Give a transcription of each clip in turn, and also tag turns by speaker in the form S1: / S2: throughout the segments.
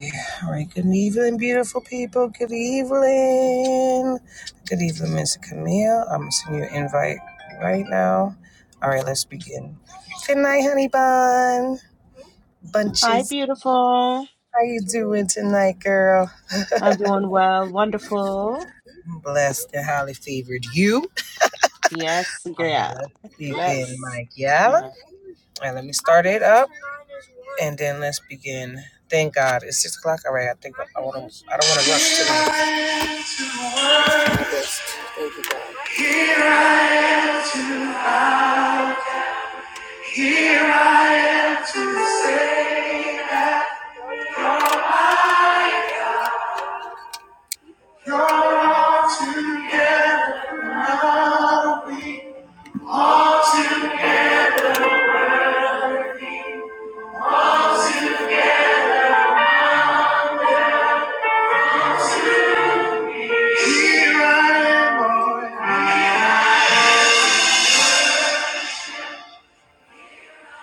S1: Yeah, All right, good evening, beautiful people. Good evening. Good evening, Miss Camille. I'm sending you an invite right now. All right, let's begin. Good night, honey bun.
S2: Hi,
S1: Bunches.
S2: beautiful.
S1: How you doing tonight, girl?
S2: I'm doing well. Wonderful.
S1: I'm blessed and highly favored. You?
S2: Yes,
S1: All right,
S2: girl.
S1: let's begin,
S2: Bless.
S1: Mike. Yeah?
S2: All
S1: All right, let me start it up and then let's begin. Thank God. It's six o'clock. All right, I think I, wanna, I don't want to rush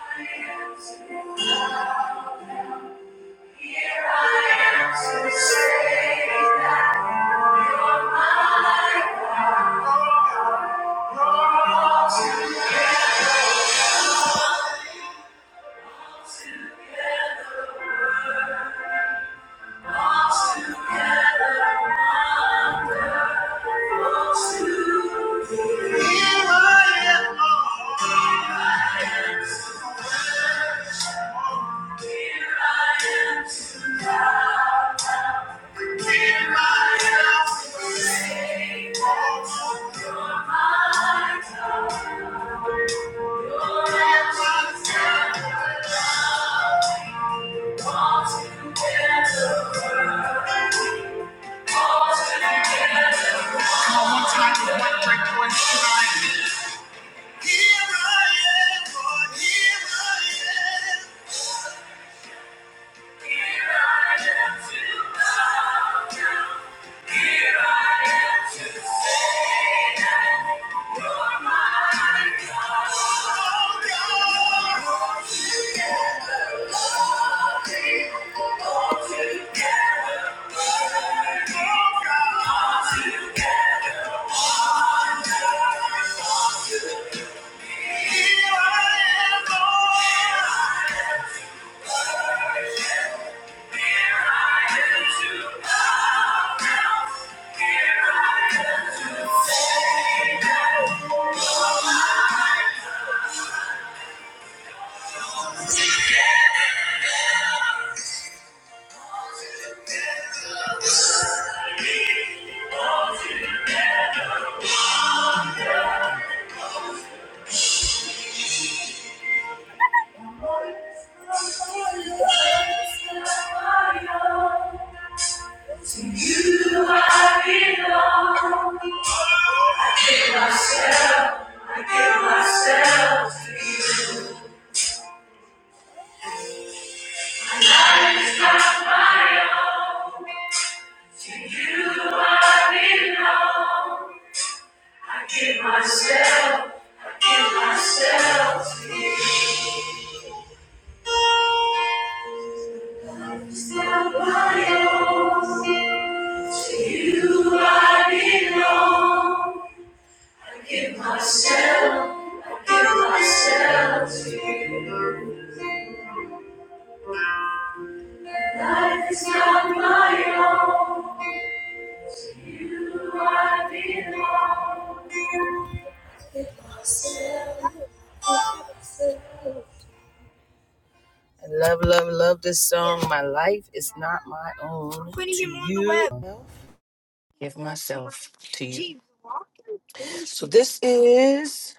S1: tonight. Thank you. Here I am, Lord, here I am. Here I am, Lord. Thank you. To you I belong. I give myself, I give myself to you. Nobody else. To you I belong. Life is not my own. To you I belong. I give myself, I give myself. I love, love, love this song. My life is not my own. To you. give myself to you. So this is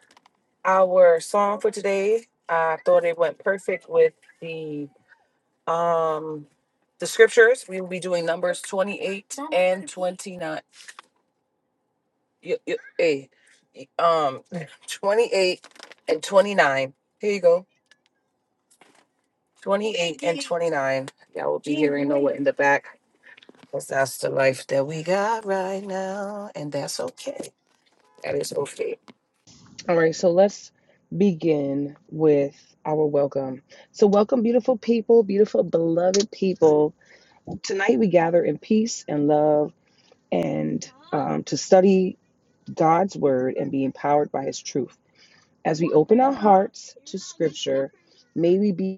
S1: our song for today. I thought it went perfect with the um the scriptures. We will be doing numbers 28 and 29. You, you, hey, um 28 and 29. Here you go. 28 and 29. Y'all will be hearing Noah in the back because that's the life that we got right now. And that's okay. That is okay. All right, so let's begin with our welcome. So, welcome, beautiful people, beautiful, beloved people. Tonight we gather in peace and love and um, to study God's word and be empowered by his truth. As we open our hearts to scripture, may we be.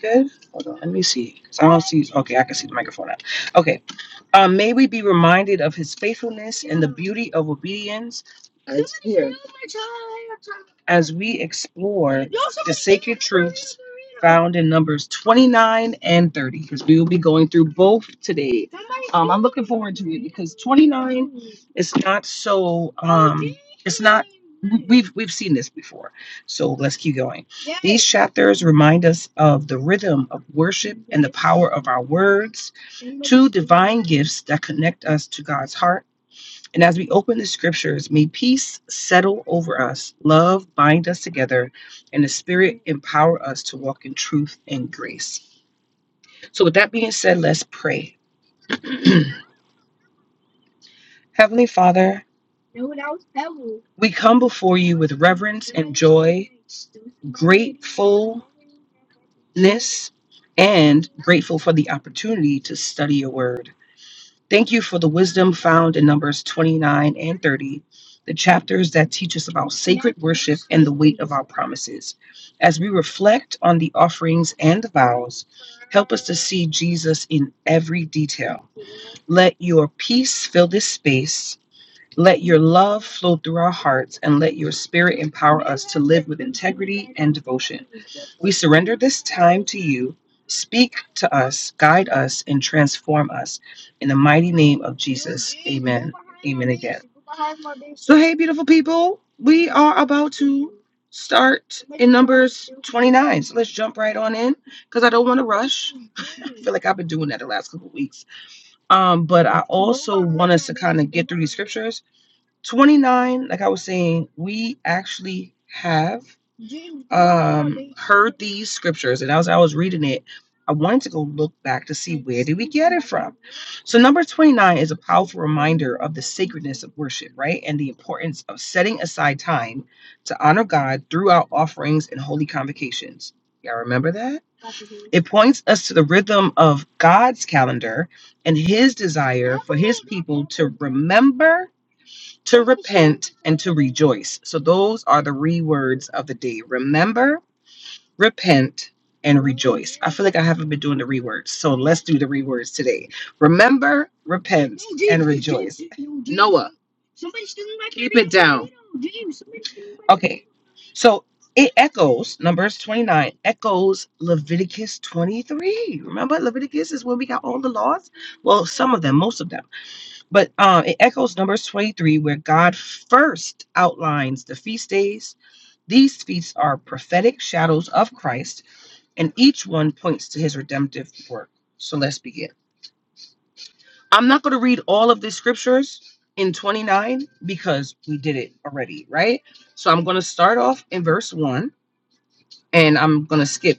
S1: be Good. Hold on. Let me see. 'Cause I don't see. Okay, I can see the microphone now. Okay. Um, may we be reminded of his faithfulness and the beauty of obedience as here, as we explore the sacred truths found in Numbers 29 and 30, because we will be going through both today. Um, I'm looking forward to it because 29 is not so. Um, it's not. we- We've we've seen this before, so let's keep going. These chapters remind us of the rhythm of worship and the power of our words, two divine gifts that connect us to God's heart. And as we open the scriptures, may peace settle over us, love bind us together, and the Spirit empower us to walk in truth and grace. So, with that being said, let's pray. Heavenly Father, we come before you with reverence and grateful for the opportunity to study your word. Thank you for the wisdom found in Numbers 29 and 30, the chapters that teach us about our promises. As we reflect on the offerings and the vows, help us to see Jesus in every detail. Let your peace fill this space. Let your love flow through our hearts and let your spirit empower and devotion. We surrender this time to you. Speak to us, guide us, and transform us in the mighty name of Jesus. So, hey, beautiful people, we are about to start nine. So let's jump right on in because I don't want to rush. I feel like I've been doing that the last couple of weeks. Um, but our scriptures 29, like I was saying, we actually have these scriptures. And as I was reading it, I wanted to go look back to see. So, number 29 is a powerful reminder of the sacredness of worship, right? And the importance of setting aside time to honor God through our offerings and holy convocations. Y'all remember that? It points us to the rhythm of God's calendar and his desire to remember, to repent, and to rejoice. So those are the re words of the day. Remember, repent, and I feel like I haven't been doing the re words. So let's do the re words today. Remember, repent. Okay. So it echoes, Numbers 29, echoes Leviticus 23. Remember, Leviticus is where we got all the laws? Well, some of them, most of them. But um, it echoes Numbers 23, where God first outlines the feast days. These feasts are prophetic shadows of Christ, and each one points to his redemptive work. So let's begin. I'm not going to read all of the scriptures in 29 because we did it already, right? So I'm going to start off in verse 1 and I'm going to skip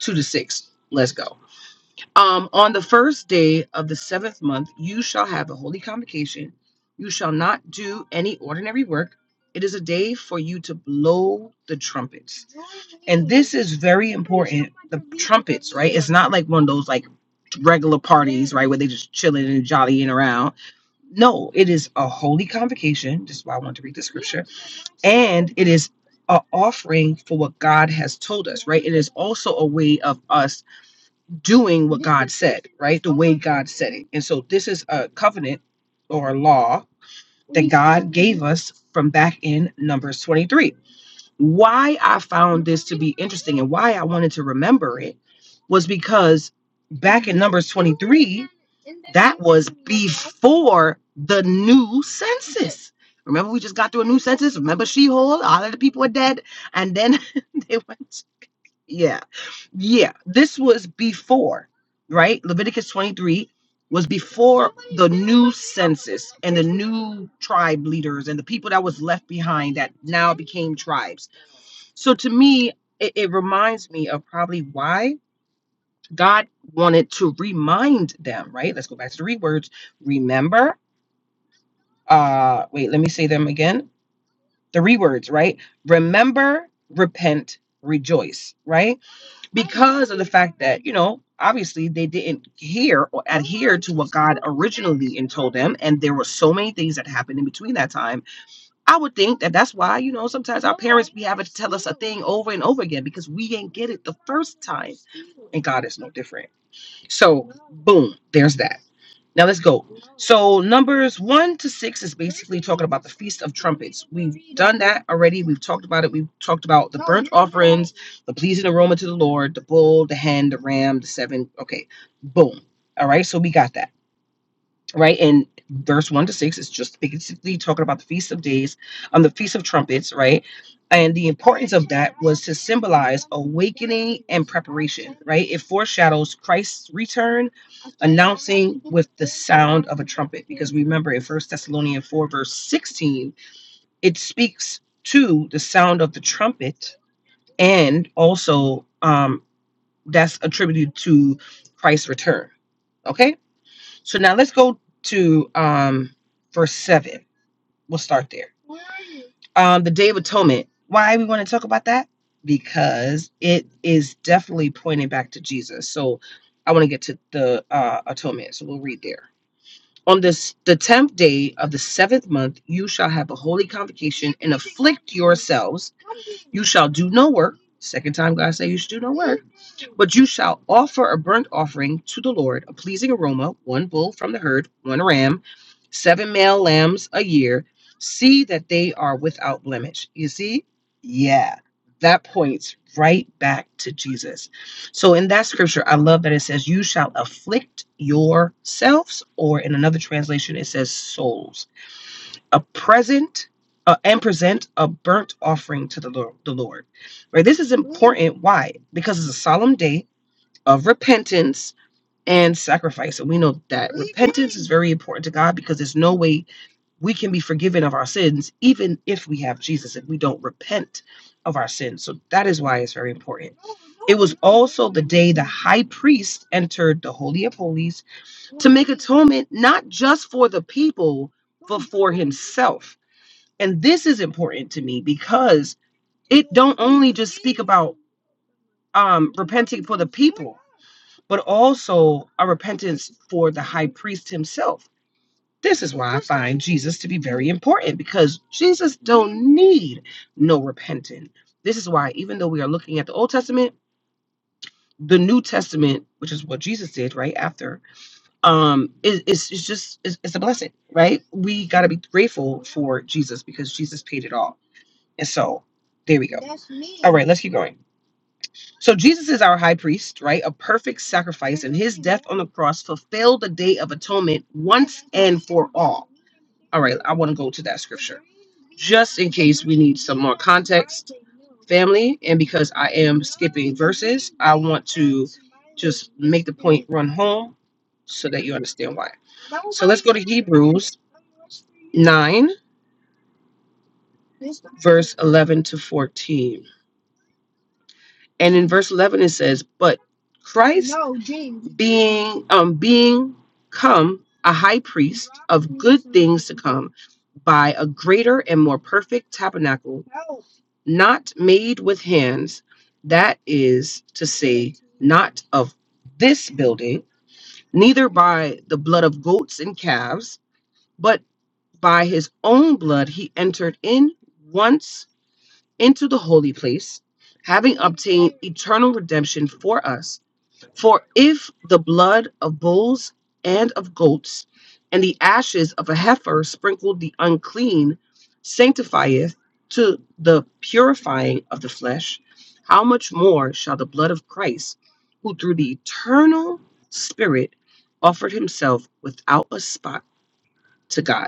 S1: 2 to 6. Let's go. Um, on the first day of the seventh month, you shall have a holy convocation. You shall not do any ordinary work. It is a day for you to blow the trumpets. It is very important, not like one of those like regular parties, right, where they just chilling and jollying around. No, it is a holy convocation. This is why I want to read this. And it is an offering for what God has told right? It is also a way of us doing, right? And so this is a covenant or a law from back in Numbers 23. Why I found and why I wanted to remember it was because back in Numbers 23 for the new census. Remember, we just got through a new census. Remember, Sheol, all of the people are dead, and then they went. Yeah, yeah. This was before, right? Leviticus 23 was before tribe leaders and the people that was left behind that now became tribes. So to me, it, it reminds me of probably why God wanted to remind them, right? Let's go back to the rewords. Remember, uh, wait, let me say them again. The rewords, right? Remember, repent, rejoice, right? But, You know, obviously they didn't hear or actually and told them, and there were so many things that happened in between that time. I would think that that's why, you know, sometimes I'm over again because we ain't get it. The God is no different. So, boom, there's that. Now let's go. So, Numbers 1 to 6 is basically Feast that already. We've talked about it. We've talked about the pleasing aroma to the Lord, the bull, the hen, the ram, the seven. Okay, boom. All right, so we got that. Right, and verse one to six is just basically talking about the feast of days, on um, the feast of trumpets, right, and the importance of awake. Right, it foreshadows Christ's return. Remember, in First Thessalonians four verse sixteen, it speaks to the sound of the trumpet, and also um, that's attributed to Christ's return. Okay, So now let's go to um, verse 7. We'll start there. Um, the Day of Atonement. Why we want to talk about that? Because it is definitely pointing back to Jesus. So I want to get to the uh, atonement. So we'll read there. On this the tenth day of the seventh month, you shall have a holy convocation and afflict yourselves. You shall do no work. Second time God said you should do no but you shall offer a burnt offering to the Lord, a pleasing aroma, one bull from the herd, one ram, seven male lambs a year. See that they are without blemish. You see? Yeah, that points right back to Jesus. So in that scripture, I love that it says, You shall afflict yourselves, or in another translation, it says souls. A present uh, and present a burnt offering to the Lord, the Lord. Right? This is important. Why? Because it's a solemn day of repentance and sacrifice. And we know that very important to God because there's no way we can be forgiven of our sins, even if we have Jesus, if we don't repent of our sins. So that is why it's very important. So the day the high priest entered the Holy of Holies, atonement not just for the people, but for himself. And this is important to me because it don't only just speak about um repent, but also a repentance for the high priest himself This is why I find Jesus to be very important because Jesus don't need no repentant. This is why, even though we are looking at the Old Testament, the New Testament, which is what Jesus did right after, um, is is it's just it's, it's a blessing, right? We got to be grateful for Jesus because Jesus paid it all, and so there we go. right, let's keep going. So Jesus is our high priest, right? A perfect sacrifice on the cross, fulfilled the day of atonement. One, I want to go to that scripture, family, and because I am make run home so that you understand why. 9, verse 11 to 14. And in verse 11 it says, But Christ being um being come a high priest come by a greater and more perfect tabernacle not made with hands that is to say of this building neither by the blood of goats and calves but by his own blood he entered in once into the holy place eternal redemption for us. For if the blood of bulls and of goats and the ashes of a heifer sprinkled the unclean sanctifieth to the purifying of the flesh, how much more shall the blood of Christ, who through the eternal Spirit offered himself without a spot to God,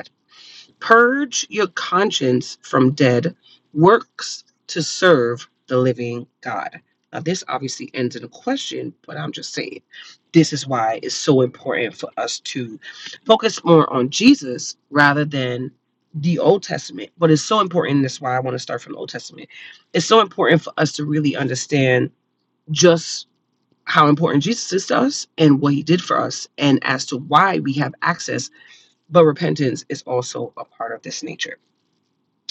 S1: Purge your conscience from dead works to serve the living God. Now, this obviously ends in a question, but I'm just saying this is why it's so important for us to focus more on Jesus rather than the Old Testament. But it's so important. That's why I want to start from the Old Testament. It's so important for us to really understand just how important Jesus is to us and what he did for us, and as to why we have access. But repentance is also a part of this nature.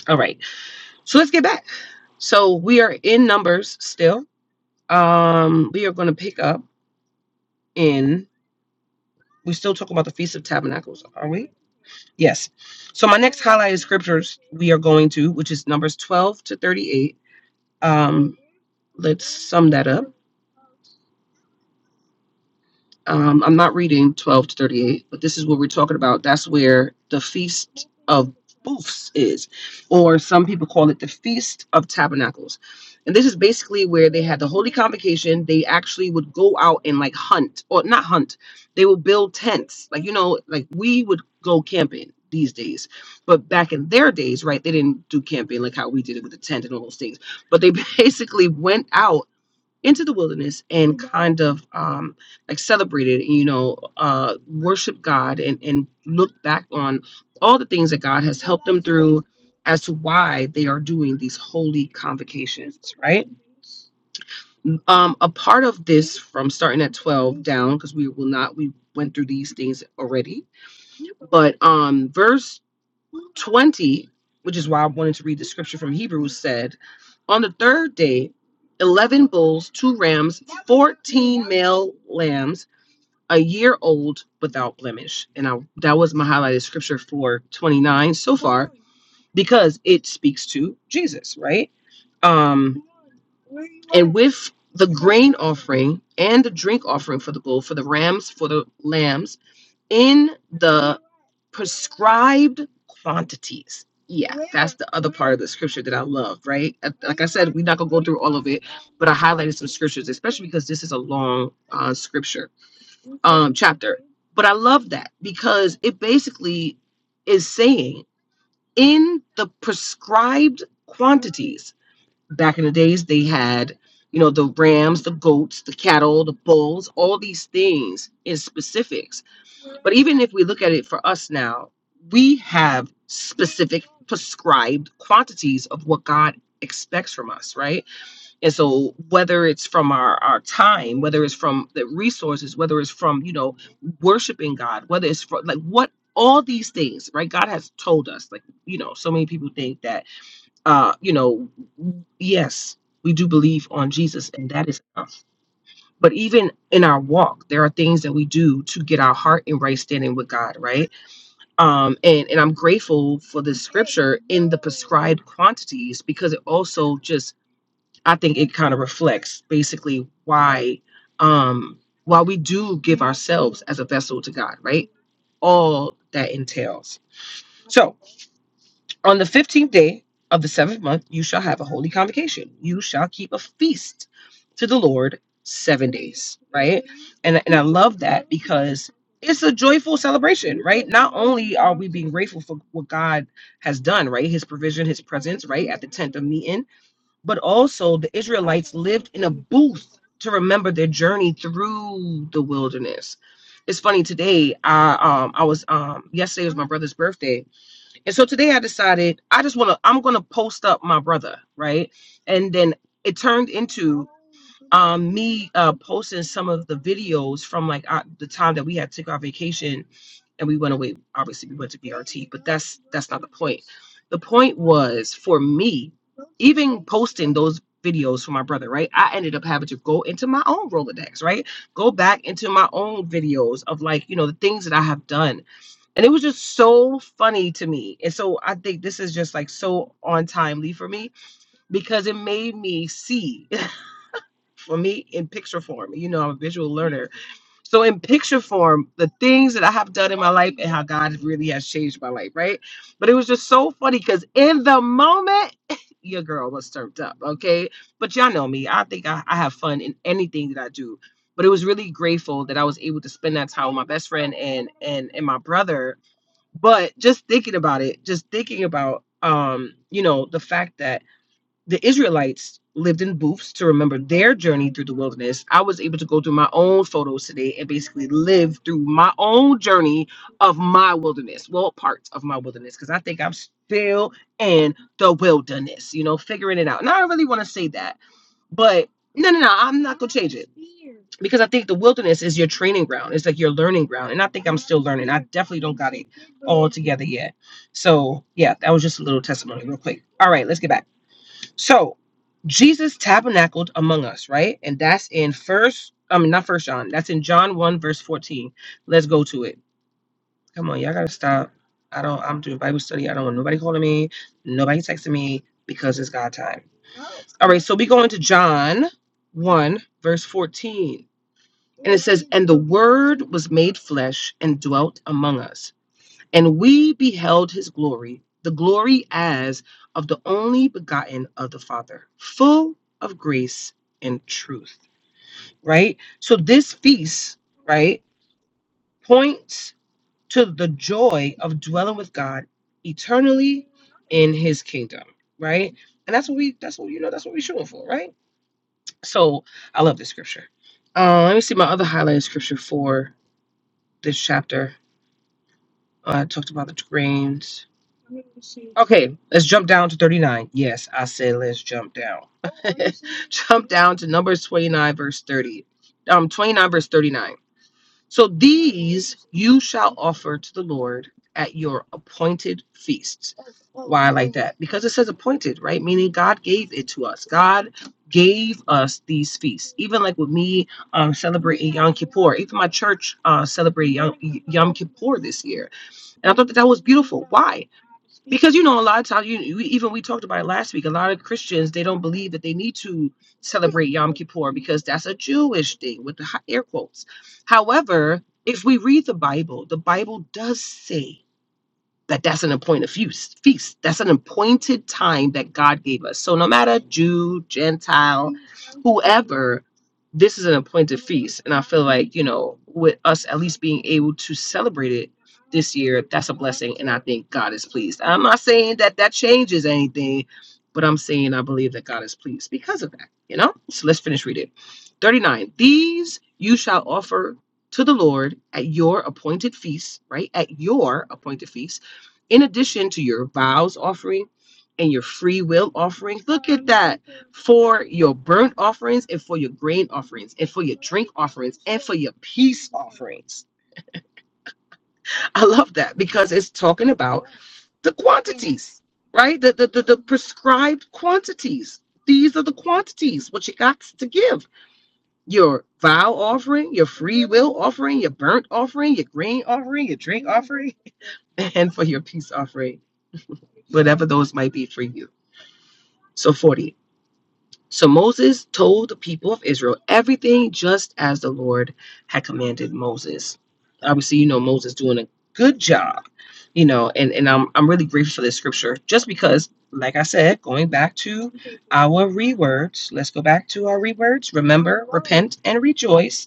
S1: All right. So let's get back. So we are in numbers still. Um, we are going to pick up in. We're still talking about the Feast of Tabernacles, are we? Yes. So my next highlighted scriptures we are going to, which is Numbers 12 to 38. Um, let's sum that up. um, I'm not reading 12 to 38, but this is what we're talking about. That's where the Feast of Booths is, or some people call it the Feast of Tabernacles. And this is basically where they had the Holy Convocation. They actually would go out and like hunt, or not hunt, they would build tents. Like, you know, like we would go camping these days. But back in their days, right, they didn't do camping like how we did it with the tent and all those things. But they basically went out into the wilderness kind of um, like celebrated, you know, uh, worship God and, and look back on all the things that God has as to why they are doing these holy convocations. Um, a part of from starting at 12 down, because we will not, we went through these things already, but um, verse 20, which is why I wanted to read the scripture from Hebrews, said, On the third day, 11 bulls, two rams, male lambs, a year old without blemish. And I, that was my highlighted scripture for 29. So because it speaks to Jesus, right? Um, with the offering and the drink offering for the bull, for the rams, for the lambs, in the prescribed quantities. Yeah. that's The other part of the scripture that I love, right? Uh, Like I said, we're not gonna go through all of it, but I highlighted some scriptures, especially because this is a long uh, scripture um, chapter. But I love that because it basically is saying in the prescribed quantities, back in the days, they had, you know, the rams, the goats, the cattle, the bulls, all these things in specifics. But even if we look at it for us now, we have specific prescribed quantities of what God expects from us, right? And so whether it's from our, our time, whether it's from the resources, whether it's from, you know, worshiping God, whether it's from like what all these things, right? God has told us, like, you know, so many people think that uh, you know, yes, we do believe on Jesus and that is enough. But even in our walk, there are things that we do to get our heart in right standing with God, right? Um, and and I'm grateful for this fried quantities because it also just I think it kind of reflects basically why um while we do give ourselves as a vessel to God, right? All that entails. So on the 15th day of the seventh month, you shall have a holy convocation. You shall keep a feast to the Lord seven days, right? And, and I love that because it's a joyful celebration, right? Not only are we being grateful for what God has done, right? His provision, his presence, right? At the tent of meeting, but also the Israelites lived in a booth to remember their journey through the wilderness. It's funny today. I um I was um yesterday was my brother's birthday, and so today I decided I just wanna I'm gonna post up my brother right, and then it turned into um uh posting some of the videos from like our, the time that we had took our vacation and we went away. Obviously, we went to. The point was for me posting those videos for my brother, right? I ended up having to go into my own Rolodex, right? Go back into my own videos of like, you know, the things that I have done. And it was just so funny to me. And so I think this is just like so on timely for me because it made me see for me in picture form. You know, I'm a visual learner so in picture form, the things that I have done in my life and how God really has changed my life, right? But it was just so funny because in the moment, your girl was turned up, okay? But y'all know me. I think I, I have fun in anything that I do. But it was really grateful that I was able to spend that time with my best friend and and and my brother. But just thinking about it, just thinking about um, you know, the fact that the Israelites lived in booths to remember their journey through the wilderness. I was able to go through my own photos today and basically live through my own journey of my wilderness. Well, parts of my wilderness, because I think I'm still in the wilderness, you know, figuring it out. And I don't really want to say that, but no, no, no, I'm not, because I think the wilderness is your training ground. It's like your learning ground. And I think definitely don't yet. So, yeah, that was just a little testimony, real quick. All right, let's get back. So Jesus tabernacled among us, right? And that's in first, I mean not first John. That's in John 1, verse 14. Let's go to it. Come on, y'all gotta stop. I don't I'm doing Bible study. I don't want nobody calling me, nobody texting me because it's God time. So we go into John 1, verse 14. And the word was made flesh and dwelt among us. And we beheld his glory, the glory as of the only begotten of the Father, full of grace and truth. Right? So this feast, right, points to the joy of dwelling with God eternally in his kingdom, right? And that's what we that's what you know, that's what we're shooting for, right? So I love this scripture. Uh, let me see my other highlighted scripture for this chapter. Uh, I talked about the grains. Okay, let's jump down to 39. Yes, I said let's jump down. Jump down to Numbers 29, verse 30. Um, 29, verse 39. So these you shall offer to the Lord at your appointed feasts. Because it says appointed, right? Meaning God gave it to us. God gave us these feasts. Even like with me um celebrating, or even my church uh celebrating Young Lord this year. I thought that that was beautiful. Because you know, a lot of times, you we, even we talked about it last week. A lot of Christians they don't believe that they need to celebrate Yom Kippur because that's a Jewish thing with the hi- air quotes. However, if we read the Bible, the Bible does say that that's an appointed feast. Feast. That's an appointed time that God gave us. So no matter Jew, Gentile, or this is an appointed like you know with us at least being able to celebrate it this year. That's and I think God is pleased. I'm not saying that that changes anything, but I'm saying I believe that God is pleased because of that, you know? So let's finish reading. 39. These you shall offer to the Lord at your appointed feast, right? At your appointed feast, in addition to your vows offering and your free will offerings, for your burnt offerings and for your grain offerings and for your peace. offerings. I love that because it's talking about the quantities, right? The the the prescribed quantities. These are the quantities what you got to give. Your vow offering, your free will offering, your burnt offering, your grain offering, your drink offering, and for your peace offering, whatever those might be for you. So 40. So Moses told the people of Israel everything just as the Lord had commanded Moses. Obviously, you know Moses doing a good job, you know, and, and I'm I'm really grateful for this scripture just because, like I said, going back to Our rewords, let's go back to our rewords, remember and, and rejoice.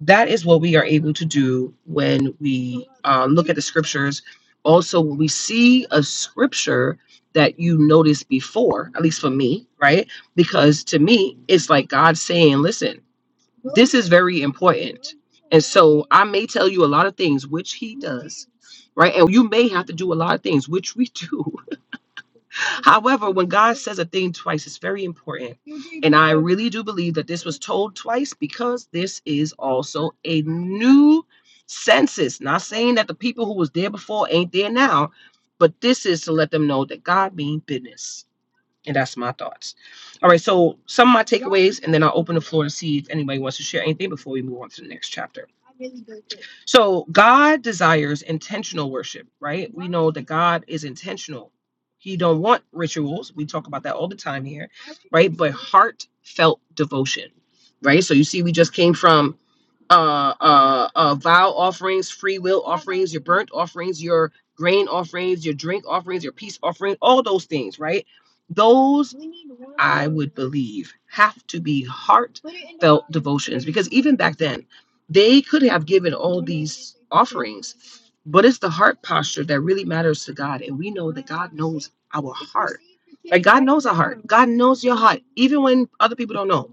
S1: That is what we are able to do when we uh, look at the scriptures. Also, when we see a scripture that you noticed before, at least for me, right? Because to me, it's like God saying, listen, very important. I may tell you a lot of things, which he, right? And you may have to do a lot of things, which we do says a thing twice. It's very important. Really do believe that this. told twice because this is also a new census. Not saying that the people who was there before ain't there now, but this is to let them know that God means business. And that's my thoughts. All right, so some of my takes, and then I'll open the floor to see if anybody wants to share anything before we move on to the next chapter. So God desires intentional worship, right? That God is intentional. He don't want rituals. We talk about that all the time here. Heartfelt devotion, right? So you see, we just came from uh, uh, uh, vow offerings, free will burnt offerings, your grain offerings, your drink offerings, your peace offering, all those things, right? Those have to be heart. Even back then, they could have given, but it's the heart posture that really matters to God, and we know our heart, even when other people don't know.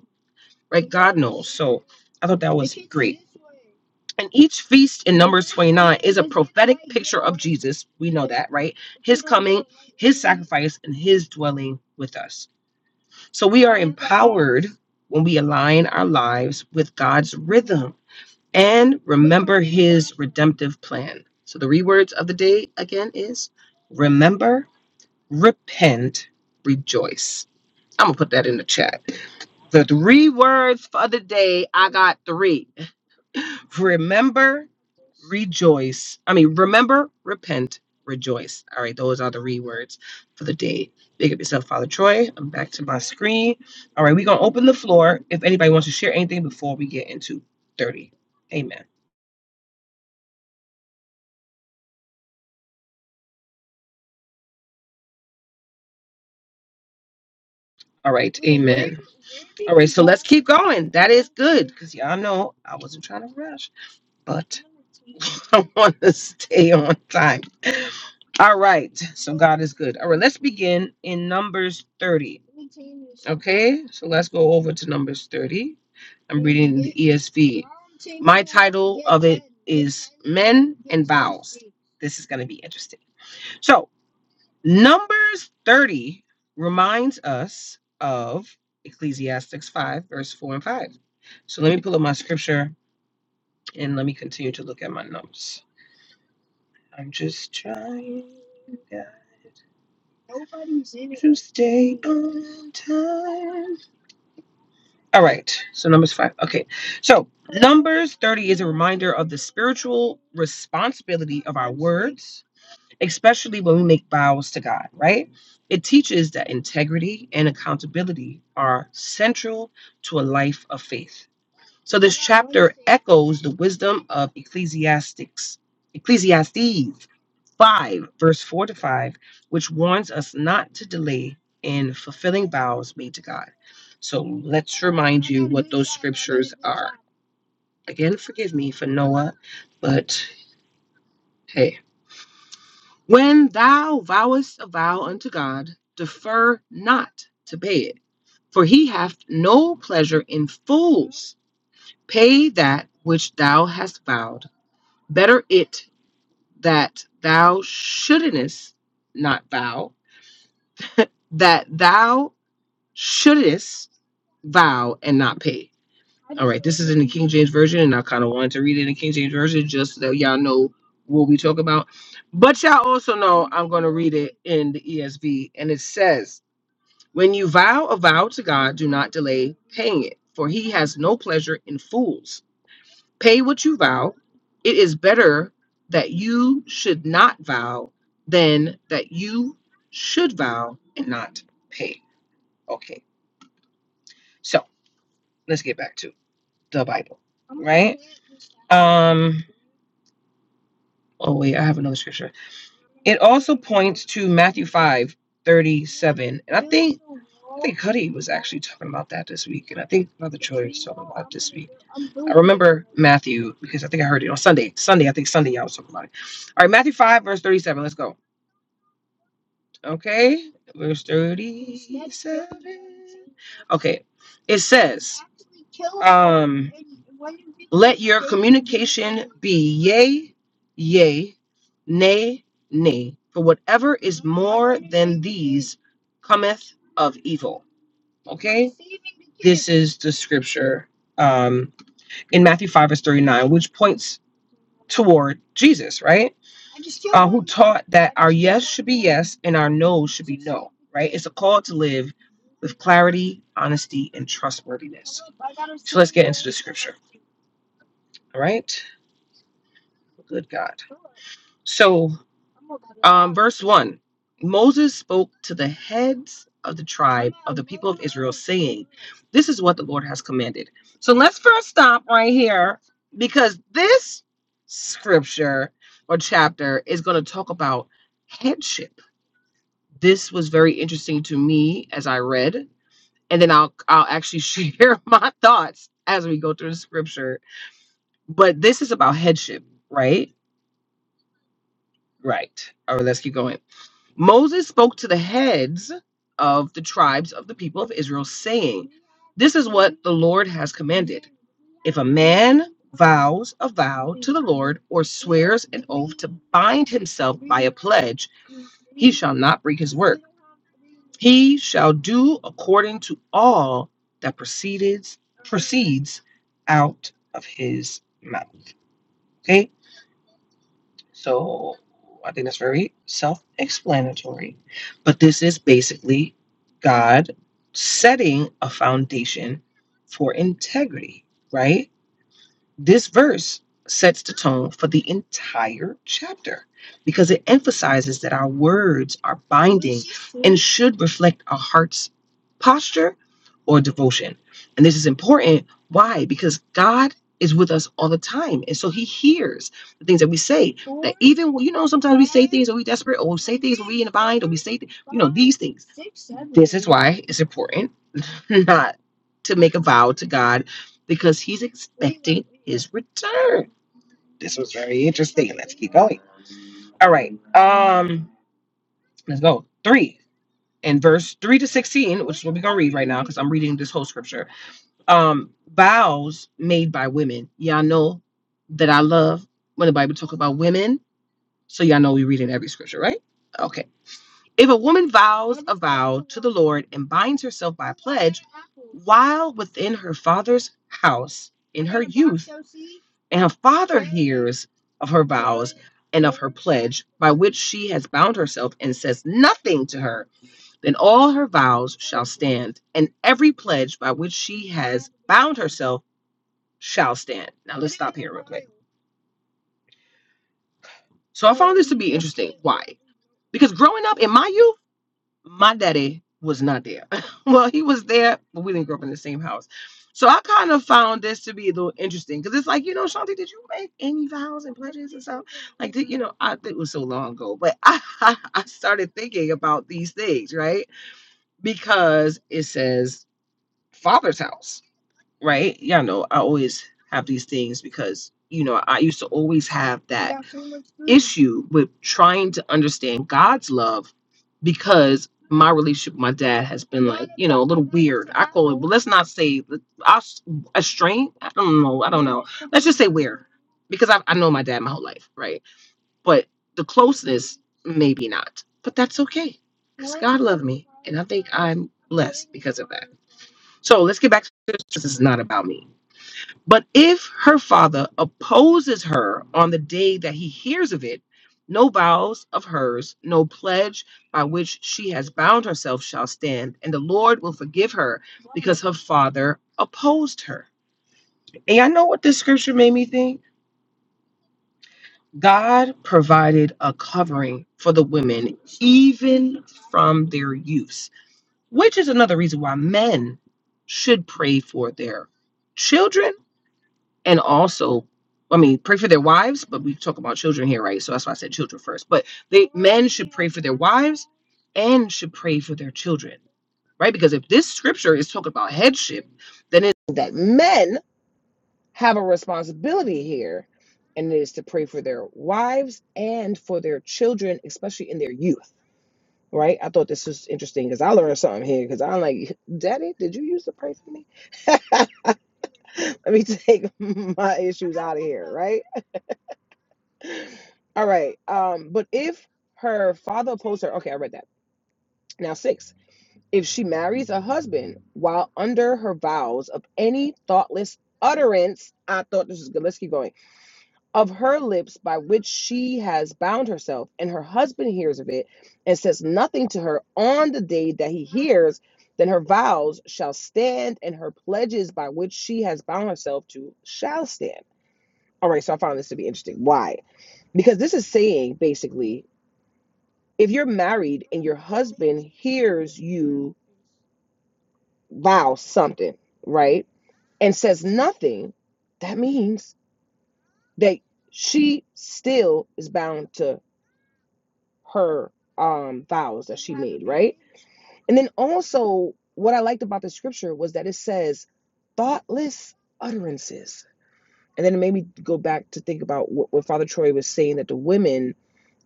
S1: I thought that was and each feast in ninety nine. This we know that, right? Christ and His dwelling with us. So we are heard when we align our lives with God's rhythm and remember his redemptive plan. So the rewords of the day again is remember, repent, rejoice. I'm gonna put that in the chat. The three words for the day, I got three. Remember, rejoice. I mean, remember, repent, rejoice. All right, those are the rewords for the day. Big up yourself, Father Troy. I'm back to my screen. All right, we're gonna open the floor if anybody wants to share anything before we get into 30. Amen. All right. Going. good because y'all know I wasn't trying to rush, but I want to stay on time. All right, so God is good. All right, let's begin in Numbers 30. Okay, so let's go over to Numbers 30. I'm ESV. This is going to be interesting. So, Numbers 30 reminds us of Ecclesiastes 5, verse 4 and 5. So, let me pull up my scripture and let me continue to look at my notes. I'm just trying. guys. Stay on time. All right. So numbers five. Okay. So numbers 30 is a reminder of the spiritual responsibilities, especially when we make vows to God, right? It teaches that integrity and accountability are central to a life of faith. So goes the wisdom of Ecclesiastics, Ecclesiastes 5, verse 4 to 5, which warns us not to delay in fulfilling vows made to God. So let's remind again, forgive me for Noah, but hey. When thou vowest a vow unto God, defer not to pay it, for he hath no pleasure in fools. Pay that which thou hast vowed. Better it that thou shouldest not vow, that thou shouldest vow and not pay. This is in the King James Version, and I kind of wanted to read it in the King James Version just so that y'all know what we talk about. But y'all also know I'm going to read it in the ESV, and it says, When you vow a vow to God, do not delay paying it, for he has no pleasure in fools. Pay what you vow. It is better that you should not vow than that you should vow and not pay. Okay, so let's get back to the Bible. Um, Oh wait, I have another scripture. It also points to Matthew five thirty seven, and think Cuddy was actually talking about that this week, and I think another Matthew because I think I heard it on Sunday. Sunday, I think Sunday I was talking about it. All right, Matthew five verse thirty seven. Let's go. Okay, verse thirty. Okay, it says, um, "Be yea, yea, nay, nay, for whatever is cometh of evil." Okay, this is the scripture. Um, in Matthew 5, verse 39, which points toward Jesus, right? That's in our nose. It's a call to live clarity, honesty, and trustworthiness. All right. Good God. So, verse one Moses spoke to the heads of the tribe. This is what the Lord has commanded. So, let's first stop right here because this scripture or chapter is going to talk about headship. This was very interesting to me as I read and then I'll I'll actually share my thoughts as we go through the scripture But this is about headship, right? Right. All right, let's keep going. Moses spoke to the heads of the tribes of the people of Israel, saying, This is what the Lord has commanded. If a man vows a vow to the Lord or swears an oath to bind himself a pledge, shall not break his word. He shall do according to all that proceeds proceeds out of his mouth. Okay? So I think that's very self explanatory. But this is basically God setting a foundation for integrity, right? This verse sets the tone for the entire chapter because it emphasizes that our words are binding, should reflect our heart's posture or devotion. And this is important. Why? Because God is with us all the time. And so he hears the things that we say even when- you know sometimes are we desperate? Oh, say these things. Why it's important not to make a vow to God because He's ex- his This was very annoying. All right, um, let's go three in verse three to sixteen. We're gonna read right now because I'm reading this whole scripture. Um, vows made by women. Y'all know that I love when the Bible talk about women, so y'all know we read in every scripture, right? Okay. If a woman vows to the Lord and binds herself by while within her father's house and her father's of her vow and pledge by which she has bound herself and says nothing to her, then all her vows shall stand, and every pledge by which she has bound herself shall stand. Now, so because growing up in my youth, my daddy was not there. well, he was there, but we didn't grow up in the same house. So I kind of found this to be a little interesting because it's like, you know, Shanti, did you make any vows and pledges and stuff? you know, I think it was so long ago, but I, I started thinking about these things, right? Because it says father's house, right? Y'all know I always have these things because, you know, I used to always have that issue with trying to understand God's love because my relationship with my dad has been, you know, a little, let's not say I a strain. I don't know. I don't know. Let's just say where, because I, I know my dad my whole life, right? But the closeness, maybe not, but that's okay I'm left because of that. So let's get back to this. This is not about me. But if her father opposes her on the day that he hears of it, no vows of hers, no pledge by which she has bound herself shall stand, and the Lord will forgive her because her father opposed her. And I know what this scripture made me think. God provided a covering for the women even from their use. which is another reason why men should pray for their children and also I mean pray for their wives, but we talk about children here, right? So that's why I said children first. But they men should pray for their wives and should pray for their children, right? Because if this scripture is talking about headship, then it that men have a responsibility here and it is to pray for their wives and for their children, especially in their youth right? I thought this was interesting because I learned something here because I'm like, Daddy, did you use the price for me? Let me take my issue, right? All right. Um, but if her father opposed her, okay, I read that. Now, six, if she marries a husband while under her vows of any thoughtless utterance, I thought this was good. Let's keep going of her lips by which she has bound herself, and her husband hears of it and says nothing to her on the day that he hears, then her vows shall stand and her pledges by which she has bound herself to shall stand. All right, so I found this to be interesting. Why? Because this is saying basically if you're married and your husband vows something, right, and says nothing, that means that she still is bound to her um vows that And then also, what I liked about the scripture was that it says thoughtless utterances. And then it made me go back to think about what, what Father Troy was saying that the women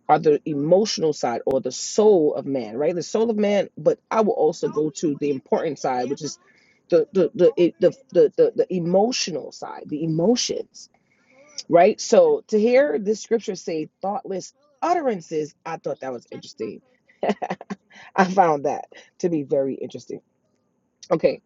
S1: are the emotional side or the soul of man, right? The soul of man, but I will also importance the, the the emotional side, the emotions, right? So to hear this scripture say thoughtless utterances, I thought that was I found that to be very interesting. Okay.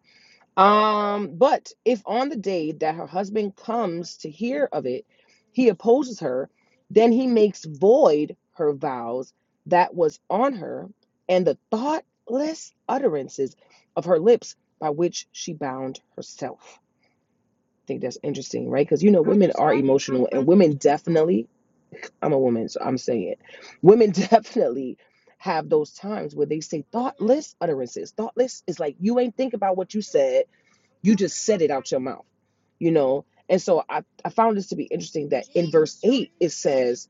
S1: Um, but if on the day that her husband comes to hear of it, he opposes her, then he makes void her vows that was on her and the thoughtless utterances of her lips by which she bound herself. I think that's interesting, right? Because you know, definitely, I'm a woman, so I'm saying it. Women definitely have those times where they say thoughtless utterances. Thoughtless is like you ain't think about what you said you just said it out your mouth, you know? And so I, I found this to be interesting that in verse 8, it says,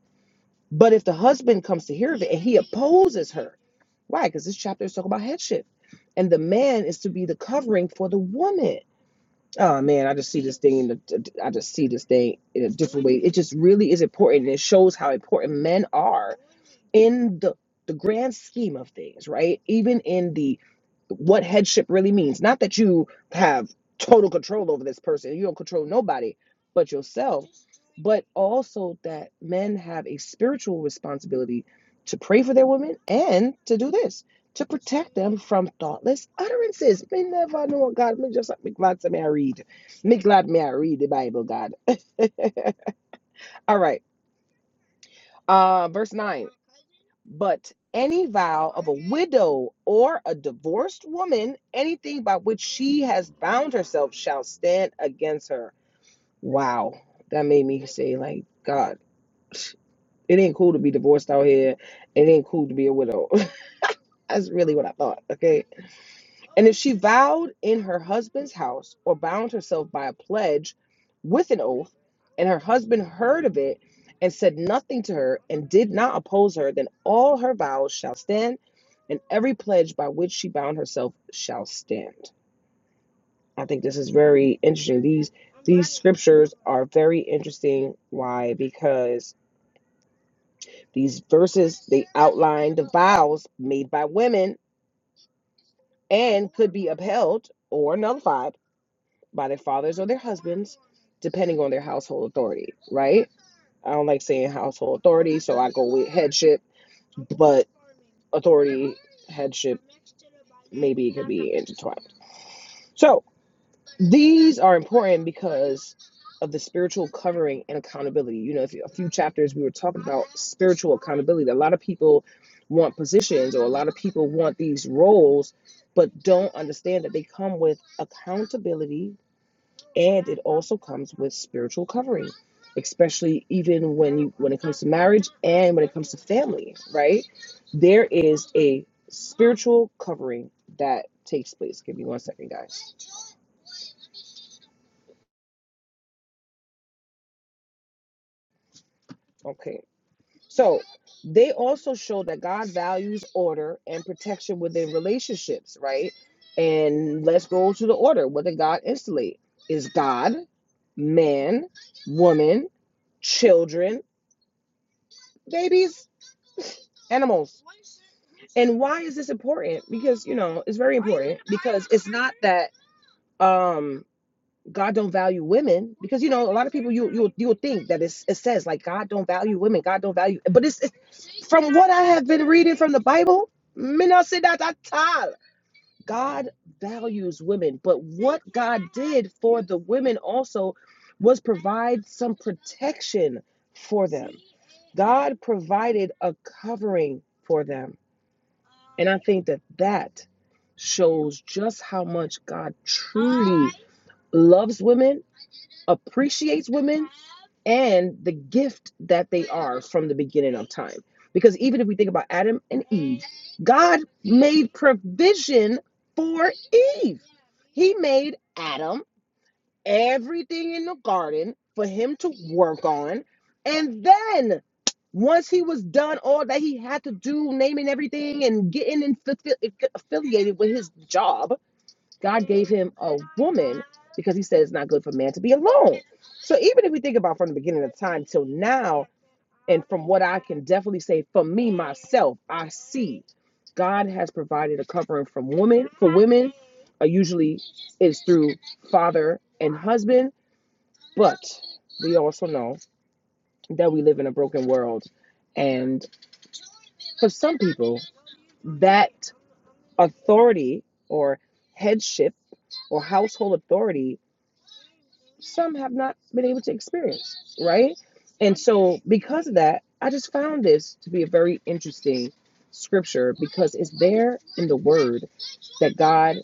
S1: But if the husband comes to hear of it and he opposes her, why? Because this chapter is talking about headship. And the man is to be the covering for the woman. Oh man, I just see this thing. In the, I just see this thing in a different way. It just really is important. and It shows how important men are in the the grand scheme of things, right? Even in the what headship really means. Not that you have total control over this person, you don't control nobody but yourself, but also that men have a spiritual responsibility to pray for their women and to do this to protect them from thoughtless utterances. Me never know God. Me just me glad to me I read. Me glad me I read the Bible, God. All right. Uh verse 9. But any vow a widow or a divorced woman, anything by which she has bound herself shall stand against her. Wow. That made me say, like, God, it ain't cool to be divorced out here. It ain't cool to be a widow. That's really what I thought. Okay. And if she vowed in her husband's house or bound herself by a pledge with an oath, and her husband heard of it and said nothing to her and did not oppose her, then all her vows shall stand, and every pledge by which she bound herself shall stand. I think this is very interesting. These these scriptures are very interesting. Why? Because these verses they outline the vows made by women and could be upheld or nullified by their fathers or their husbands, depending on their household authority, right? I don't like saying household authority, so I go with headship, authority, headship. So these are important because of the spiritual covering and accountability. You know, if you- a few chapters we were talking about spiritual accountability. A lot of people want positions or a lot of people want these roles, but don't understand that they come with accountability and it also comes with spiritual covering especially even when you when it comes to marriage and when it comes to family right there is a spiritual covering that takes place give me one second guys okay so they also show that god values order and protection within relationships right and let's go to the order what did god installate is god man woman children babies animals And why is this important? Because you know it's very important. Because it's not that um God don't value women. Because you know a lot of people you you you'll think that it's, it says like God don't value women. God don't value. But it's, it's from what I have been reading from the Bible. me not say that at all. God values women, but what God did for the women also was provide some protection for them. God provided a covering for them. And I think that that shows just how much God truly loves women, appreciates women, and the gift that they are from the beginning of time. Because even if we think about Adam and Eve, God made provision for Eve. He made Adam everything in the garden for him to work on. And then once he was done all that he had to do, naming everything and getting in, affi- affiliated with his job, God gave him a woman because he said it's not good for man to be alone. So even if we think about from the beginning of time till now, and from what I can definitely say for me myself, I see God has provided a covering from women for women. Uh, usually is through father and husband but we also know that we live in a broken world. And for some people, that authority or headship or household authority, some have not been able to experience, right? And so, because of that, I just found this to be a very interesting scripture because it's there in the word that God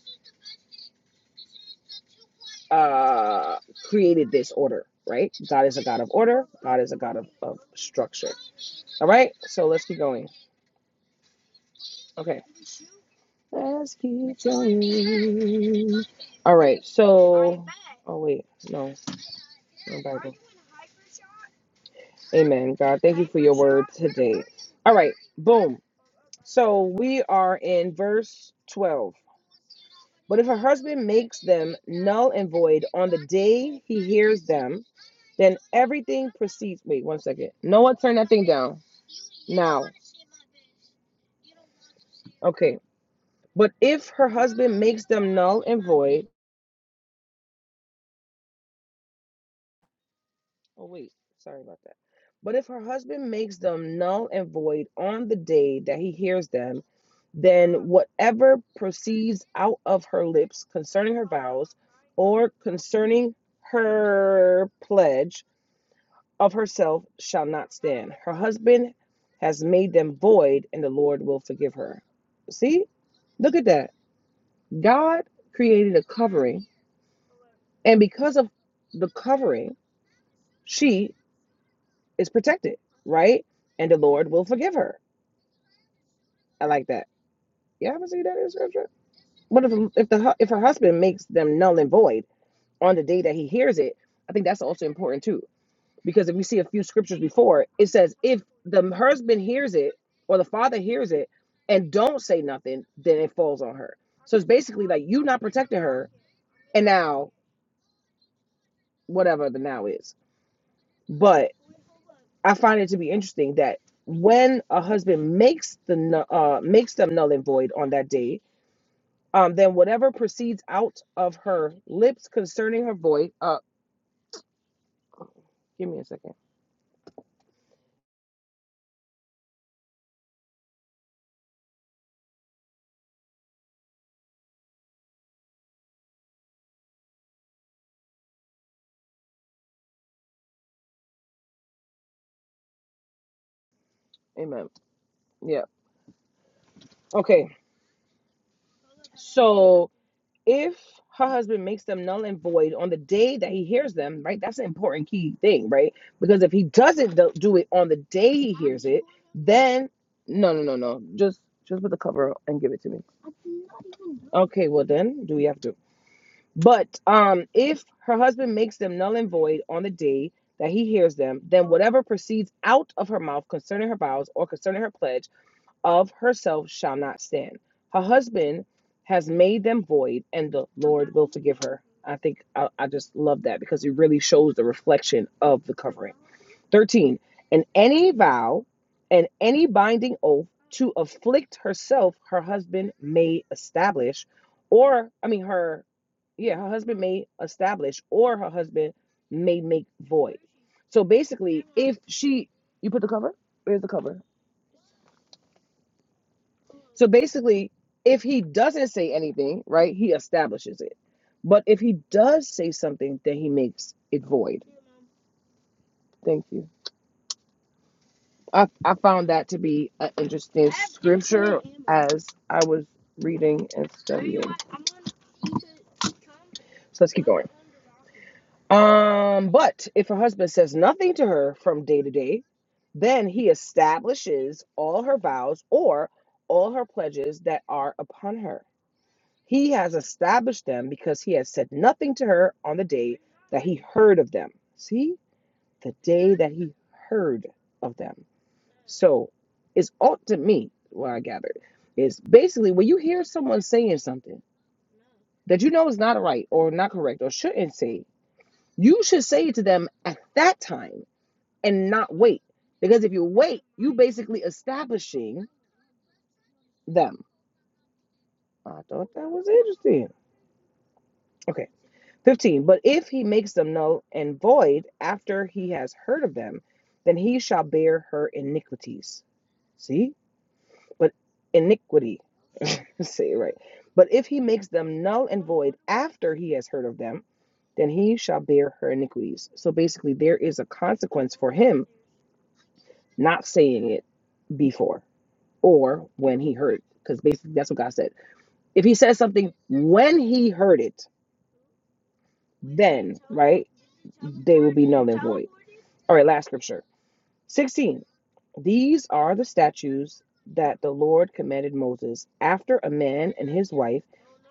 S1: uh, created this order, right? God is a God of order, God is a God of, of structure. All right, so let's keep going. Okay. Let's keep going. All right. So, oh wait, no, no Bible. Amen. God, thank you for your word today. All right. Boom. So we are in verse twelve. But if a husband makes them null and void on the day he hears them, then everything proceeds. Wait, one second. Noah, turn that thing down now. Okay. But if her husband makes them null and void Oh, wait, sorry about that. But if her husband makes them null and void on the day that he hears them, then whatever proceeds out of her lips concerning her vows or concerning her pledge of herself shall not stand. Her husband has made them void, and the Lord will forgive her. See, look at that. God created a covering, and because of the covering, she is protected, right? And the Lord will forgive her. I like that. You haven't seen that in scripture. But if if the hu- if her husband makes them null and void on the day that he hears it, I think that's also important too. Because if you see a few scriptures before, it says if the husband hears it or the father hears it and don't say nothing, then it falls on her. So it's basically like you not protecting her, and now whatever the now is. but. I find it to be interesting that when a husband makes the nu- uh, makes them null and void on that day, um, then whatever proceeds out of her lips concerning her void. Uh, give me a second. Amen. Yeah. Okay. So if her husband makes them null and void on the day that he hears them, right? That's an important key thing, right? Because if he doesn't do do it on the day, then no, no, no, no. Just just put the cover up and give it to me. Okay. Well, then do we have to? But um, if her husband makes them null and void on the day that he hears them, then whatever proceeds out of her mouth concerning her vows or concerning her pledge of herself shall not stand. Her husband has made them void, and the Lord will forgive her. I think I, I just love that because it really shows the reflection of the covering. 13. And any vow and any binding oath to afflict herself, her husband may establish, or, I mean, her, yeah, her husband may establish, or her husband may make void. So basically, if she, you put the cover? Where's the cover? So basically, if he doesn't say anything, right, he establishes it. But if he does say something, then he makes it void. Thank you. I, I found that to be an interesting as I was reading and stuff. So let's keep Um, but if her husband says nothing to her from day to day, then he establishes all her vows or all her pledges that are upon her. He has established them because he has said nothing to her on the day that he heard of them. See, the day that he heard of them. So it's all to me, what I gathered, is basically when you hear someone saying something. that you know is not right or not correct or shouldn't say, you should say it to them at that time and not wait. Because if you wait, you basically establishing them. I thought that was interesting. Okay. 15. But if he makes them null and void after he has heard of them, then he shall bear her iniquities. See? but iniquity. Say it right. But if he makes them null and void after he has heard of them, then he shall bear her iniquities. So basically, there is a consequence for him not saying it before or when he heard it. Because basically, that's what God said. If he says something when he heard it, then, right, they will be null and void. All right, last scripture 16. These are the statutes that the Lord commanded Moses after a man and his wife,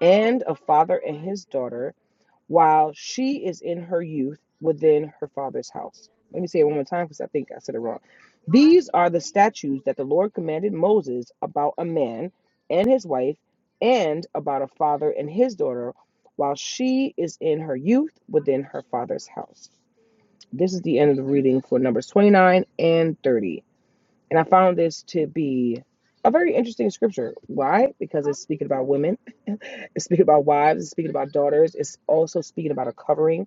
S1: and a father and his daughter, while she is in her youth within her father's house. Let me say it one more time because I think I said it wrong. These are the statutes that the Lord commanded Moses about a man and his wife, and about a father and his daughter, while she is in her youth within her father's house. This is the end of the reading for Numbers 29 and 30. And I found this to be a very interesting scripture. Why? Because it's speaking about women, it's speaking about wives, it's speaking about daughters, it's also speaking about a covering.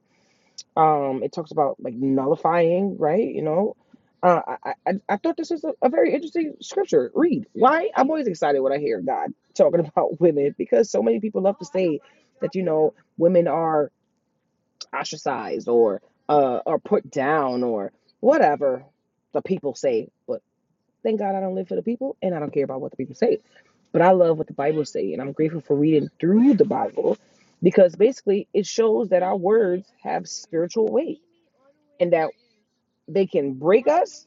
S1: Um, it talks about like nullifying, right? You know, uh, I, I I thought this was a, a very interesting scripture. Read. Why? I'm always excited when I hear God talking about women because so many people love to say that you know women are ostracized or uh, are put down or whatever the people say, but Thank God I don't live for the people and I don't care about what the people say. But I love what the Bible says, and I'm grateful for reading through the Bible because basically it shows that our words have spiritual weight and that they can break us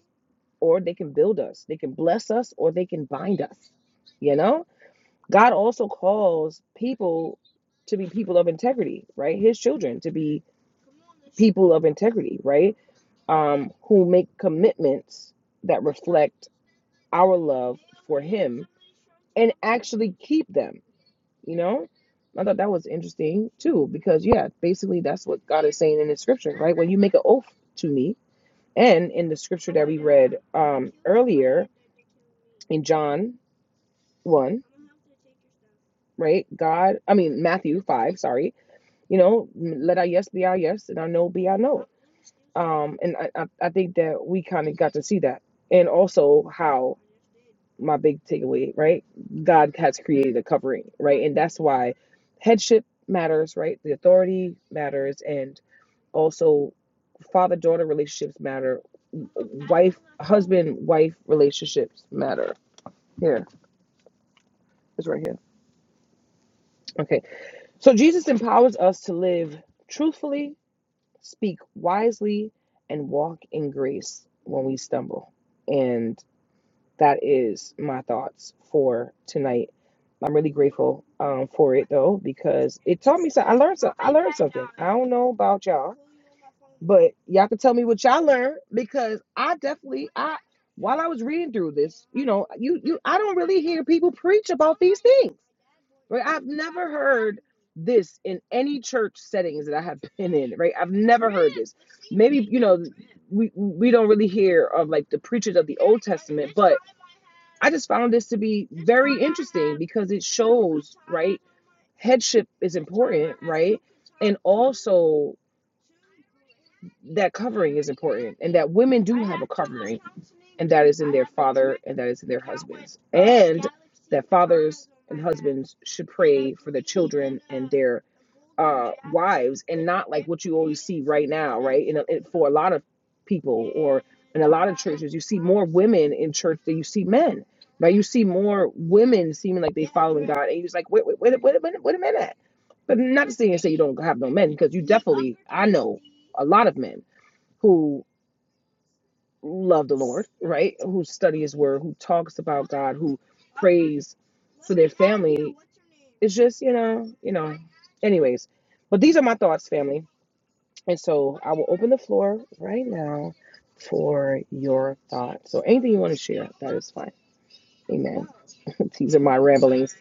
S1: or they can build us. They can bless us or they can bind us. You know? God also calls people to be people of integrity, right? His children to be people of integrity, right? Um, who make commitments that reflect our love for him and actually keep them, you know? I thought that was interesting too, because yeah, basically that's what God is saying in the scripture, right? When you make an oath to me, and in the scripture that we uh, in John 1, right? God, I mean, Matthew 5, sorry. You know, let our yes be our yes and our no be our no. Um, and I, I, I think that we kind of got to see that. And also how my big takeaway, right? God has created a covering, right? And that's why headship matters, right? The authority matters, and also father daughter relationships matter, wife husband wife relationships matter. Here, it's right here. Okay. So Jesus empowers us to live truthfully, speak wisely, and walk in grace when we stumble. And that is my thoughts for tonight. I'm really grateful um, for it though because it taught me something. I learned some. I I don't know about y'all, but y'all can tell me what y'all learned because I definitely I while I was reading through this, you know, you you I don't really hear people preach about these things. Right? I've never heard this in any church settings that I have been in. Right? I've never heard this. Maybe you know we we don't really hear of like the preachers of the Old Testament, but I just found this to be very interesting because it shows, right? Headship is important, right? And also that covering is important and that women do that is and that is in their husbands should pray their lives and not like what you always see right now, right? And for a lot of people or in a churches, you see more women in church than you see men. Right? You see more women seeming like following God and you're just like, wait, wait, wait, a- wait, wait a minute. But not to say and say you don't have no men because you a lot of men who love the Lord, right? Who study His Word, who talks about God, who prays. It's just you know, you know. Anyways, but these are my thoughts, family. And so I will open the floor right now for your thoughts. So anything you want to share, that is fine. Amen. These are my ramblings.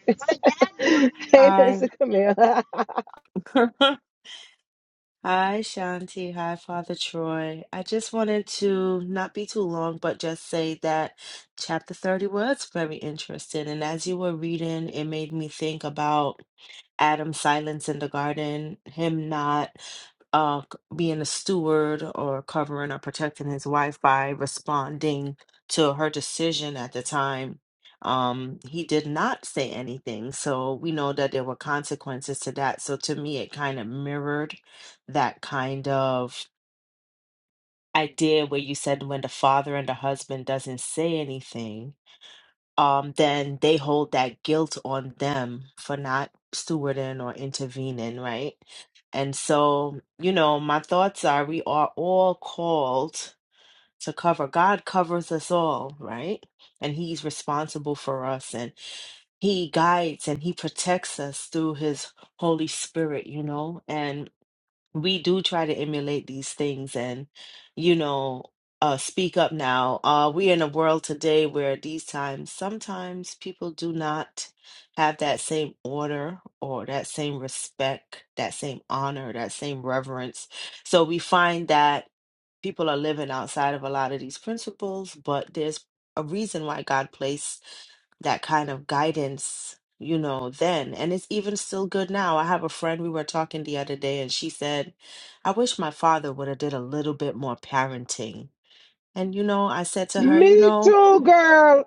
S2: right.
S1: hey,
S2: Hi.
S1: Mr. Camille.
S2: Hi, Shanti. Hi, Father Troy. I just wanted to not be too long, but just say that chapter 30 was very interesting. And as you were reading, it made me think about Adam's silence in the garden, him not uh, c- being a steward or covering or protecting his wife by responding to her decision at the time, um, he did not say anything. So we know that there were consequences to that. So to me, it kind of mirrored that kind of idea where you said when the father and the husband doesn't say anything um, then they hold that guilt on them for not stewarding or intervening, right? And so, you know, my thoughts are we are all called to cover. God covers us all, right? And He's responsible for us and He guides and He protects us through His Holy Spirit, you know? and we do try to emulate these things and you know uh speak up now uh we're in a world today where these times sometimes people do not have that same order or that same respect that same honor that same reverence so we find that people are living outside of a lot of these principles but there's a reason why god placed that kind of guidance, you know, then. And it's even still good now. I have a friend we were talking the other day and she said, "I wish my father would have did a little bit more parenting." And you know, I said to her, you
S1: Me
S2: know,
S1: too, girl.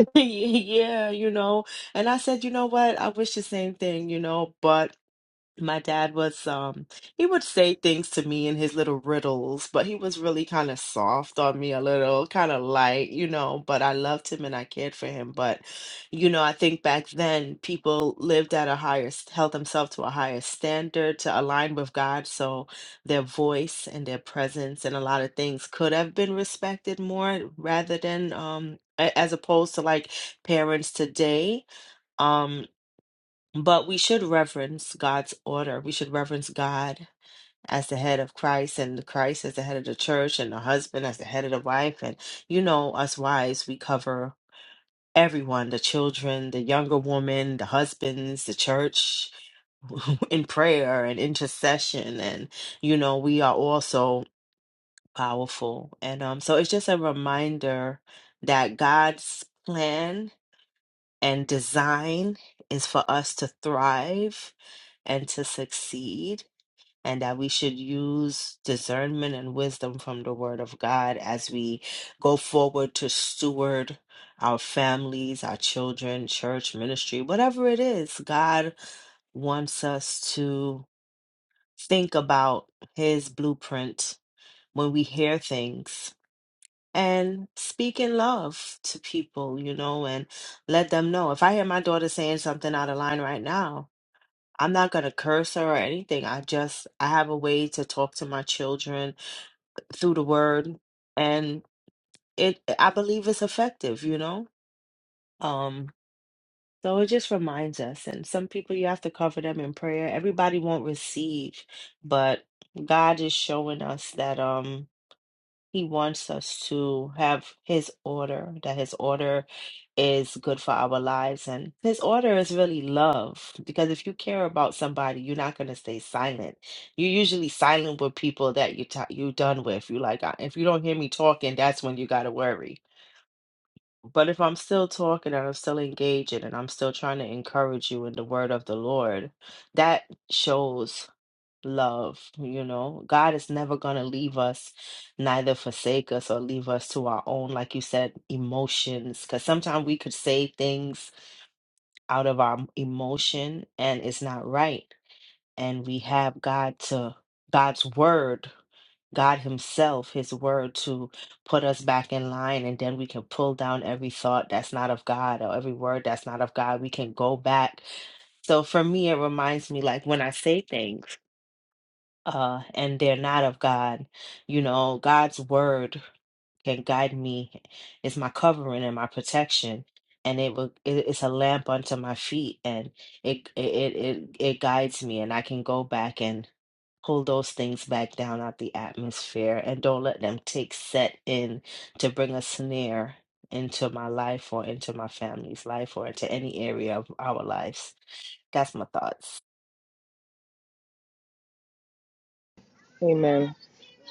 S2: yeah, you know. And I said, "You know what? I wish the same thing, you know, but my dad was um he would say things to me in his little riddles, but he was really kind of soft on me a little, kind of light, you know, but I loved him and I cared for him, but you know, I think back then people lived at a higher s- held themselves to a higher standard to align with God, so their voice and their presence and a lot of things could have been respected more rather than um a- as opposed to like parents today. um, but we should reverence God's order. We should reverence God as the head of Christ and Christ as the head of the church and the husband as the head of the wife. And, you know, us wives, we cover everyone the children, the younger woman, the husbands, the church in prayer and intercession. And, you know, we are also powerful. And um, so it's just a reminder that God's plan. And design is for us to thrive and to succeed, and that we should use discernment and wisdom from the Word of God as we go forward to steward our families, our children, church, ministry, whatever it is. God wants us to think about His blueprint when we hear things and speak in love to people, you know, and let them know. If I hear my daughter saying something out of line right now, I'm not going to curse her or anything. I just, I have a way to talk to my children through the word. And it, I believe it's effective, you know? Um, so it just reminds us. And some people, you have to cover them in prayer. Everybody won't receive, but God is showing us that, Um. He wants us to have His order, that His order is good for our lives. And His order is really love, because if you care about somebody, you're not going to stay silent. You're usually silent with people that you t- you're done with. You like, "Uh, if you don't hear me talking, that's when you got to worry. But if I'm still talking and I'm still engaging and I'm still trying to encourage you in the word of the Lord, that shows love, you know. God is never going to leave us, neither forsake us or leave us to our own, like you said, emotions. Because sometimes we could say things out of our emotion and it's not right. And we have God to, God's word, God Himself, His word to put us back in line. And then we can pull down every thought that's not of God or every word that's not of God. We can go back. So for me, it reminds me like when I say things, uh, and they're not of God. You know, God's word can guide me, It's my covering and my protection. And it will it- it's a lamp unto my feet and it it it it it guides me and I can go back and pull those things back down out the atmosphere and don't let them take set in to bring a snare into my life or into my family's life or into any area of our lives. That's my thoughts.
S1: Amen.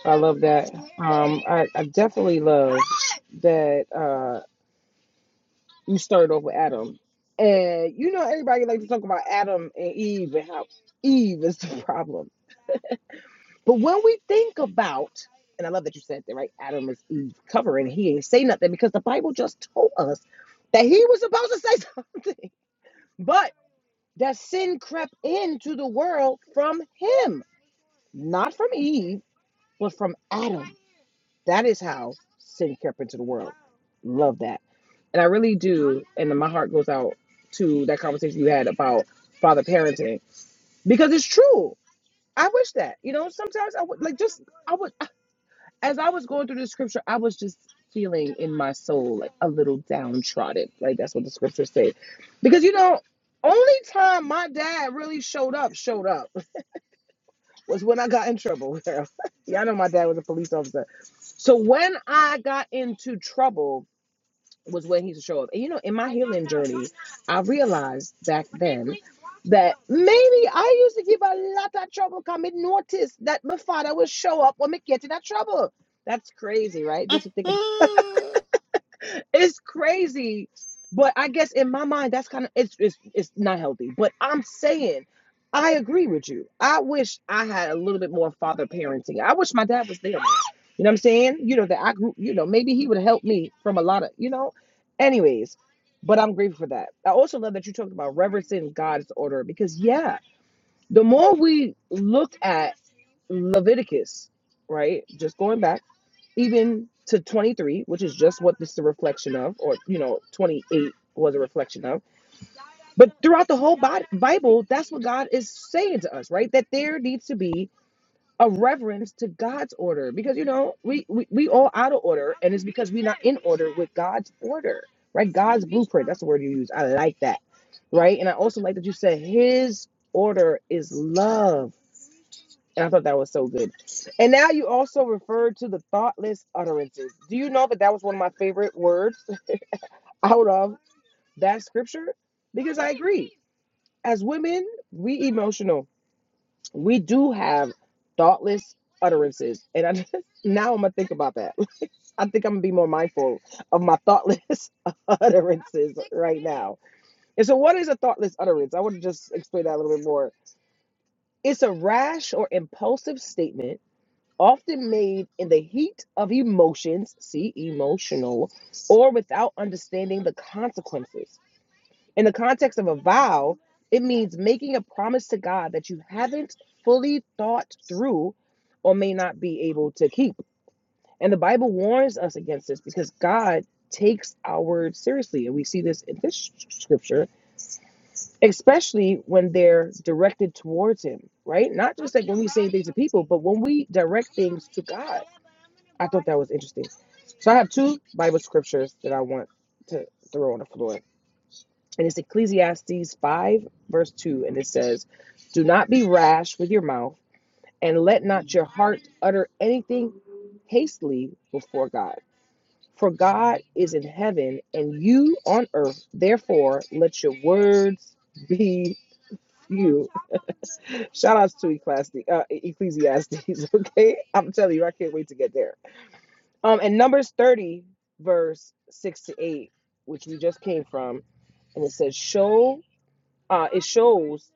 S1: I love that. Um, I, I definitely love that. Uh, You started off with Adam, and you know everybody like to talk about Adam and Eve and how Eve is the problem. But when we think about, and I love that you said that, right? Adam is Eve's cover, and he ain't say nothing because the Bible just told us that he was supposed to say something, but that sin crept into the world from him, not from Eve, but from Adam. That is how Satan crept into the world. Love that. And I really do. And then my heart goes out to that conversation you had about father parenting because it's true. I wish that. You know, sometimes I would like just, I would, as I was going through the scripture, I was just feeling in my soul like a little downtrodden. Like that's what the scriptures say. Because, you know, only time my dad really showed up, showed up was when I got in trouble. Y'all know my dad was a police officer. So when I got into trouble was when he used to show up. And you know, in my healing journey, I realized back then that maybe I used to give a lot of trouble because I noticed that my father would show up when me get in that trouble. That's crazy, right? Just to think it's crazy. But I guess in my mind, that's kind of it's, it's it's not healthy. But I'm saying, I agree with you. I wish I had a little bit more father parenting. I wish my dad was there. More. You know what I'm saying? You know that I grew. You know maybe he would help me from a lot of you know. Anyways, but I'm grateful for that. I also love that you talked about reverencing God's order because yeah, the more we look at Leviticus, right? Just going back even to 23, which is just what this is a reflection of, or you know, 28 was a reflection of. But throughout the whole Bi- Bible, that's what God is saying to us, right? That there needs to be a reverence to God's order because you know we we, we all out of order, and it's because we're not in order with God's order, right? God's blueprint. That's the word you use. I like that, right? And I also like that you said His order is love and I thought that was so good. And now you also referred to the thoughtless utterances. Do you know that that was one of my favorite words out of that scripture? Because I agree. As women, we emotional. We do have thoughtless utterances. And I now I'm gonna think about that. I think I'm gonna be more mindful of my thoughtless utterances right now. And so what is a thoughtless utterance? I want to just explain that a little bit more. It's a rash or impulsive statement often made in the heat of emotions, see emotional, or without understanding the consequences. In the context of a vow, it means making a promise to God that you haven't fully thought through or may not be able to keep. And the Bible warns us against this because God takes our words seriously. And we see this in this scripture, especially when they're directed towards Him, right? Not just like when we say things to people, but when we direct things to God. I thought that was interesting. So I have two Bible scriptures that I want to throw on the floor. And it's Ecclesiastes 5, verse 2. And it says, Do not be rash with your mouth, and let not your heart utter anything hastily before God. For God is in heaven, and you on earth. Therefore, let your words be few. Shout outs to Ecclesi- uh, Ecclesiastes. Okay. I'm telling you, I can't wait to get there. Um, in Numbers 30, verse 6 to 8, which we just came from, and it says, Show, uh, it shows,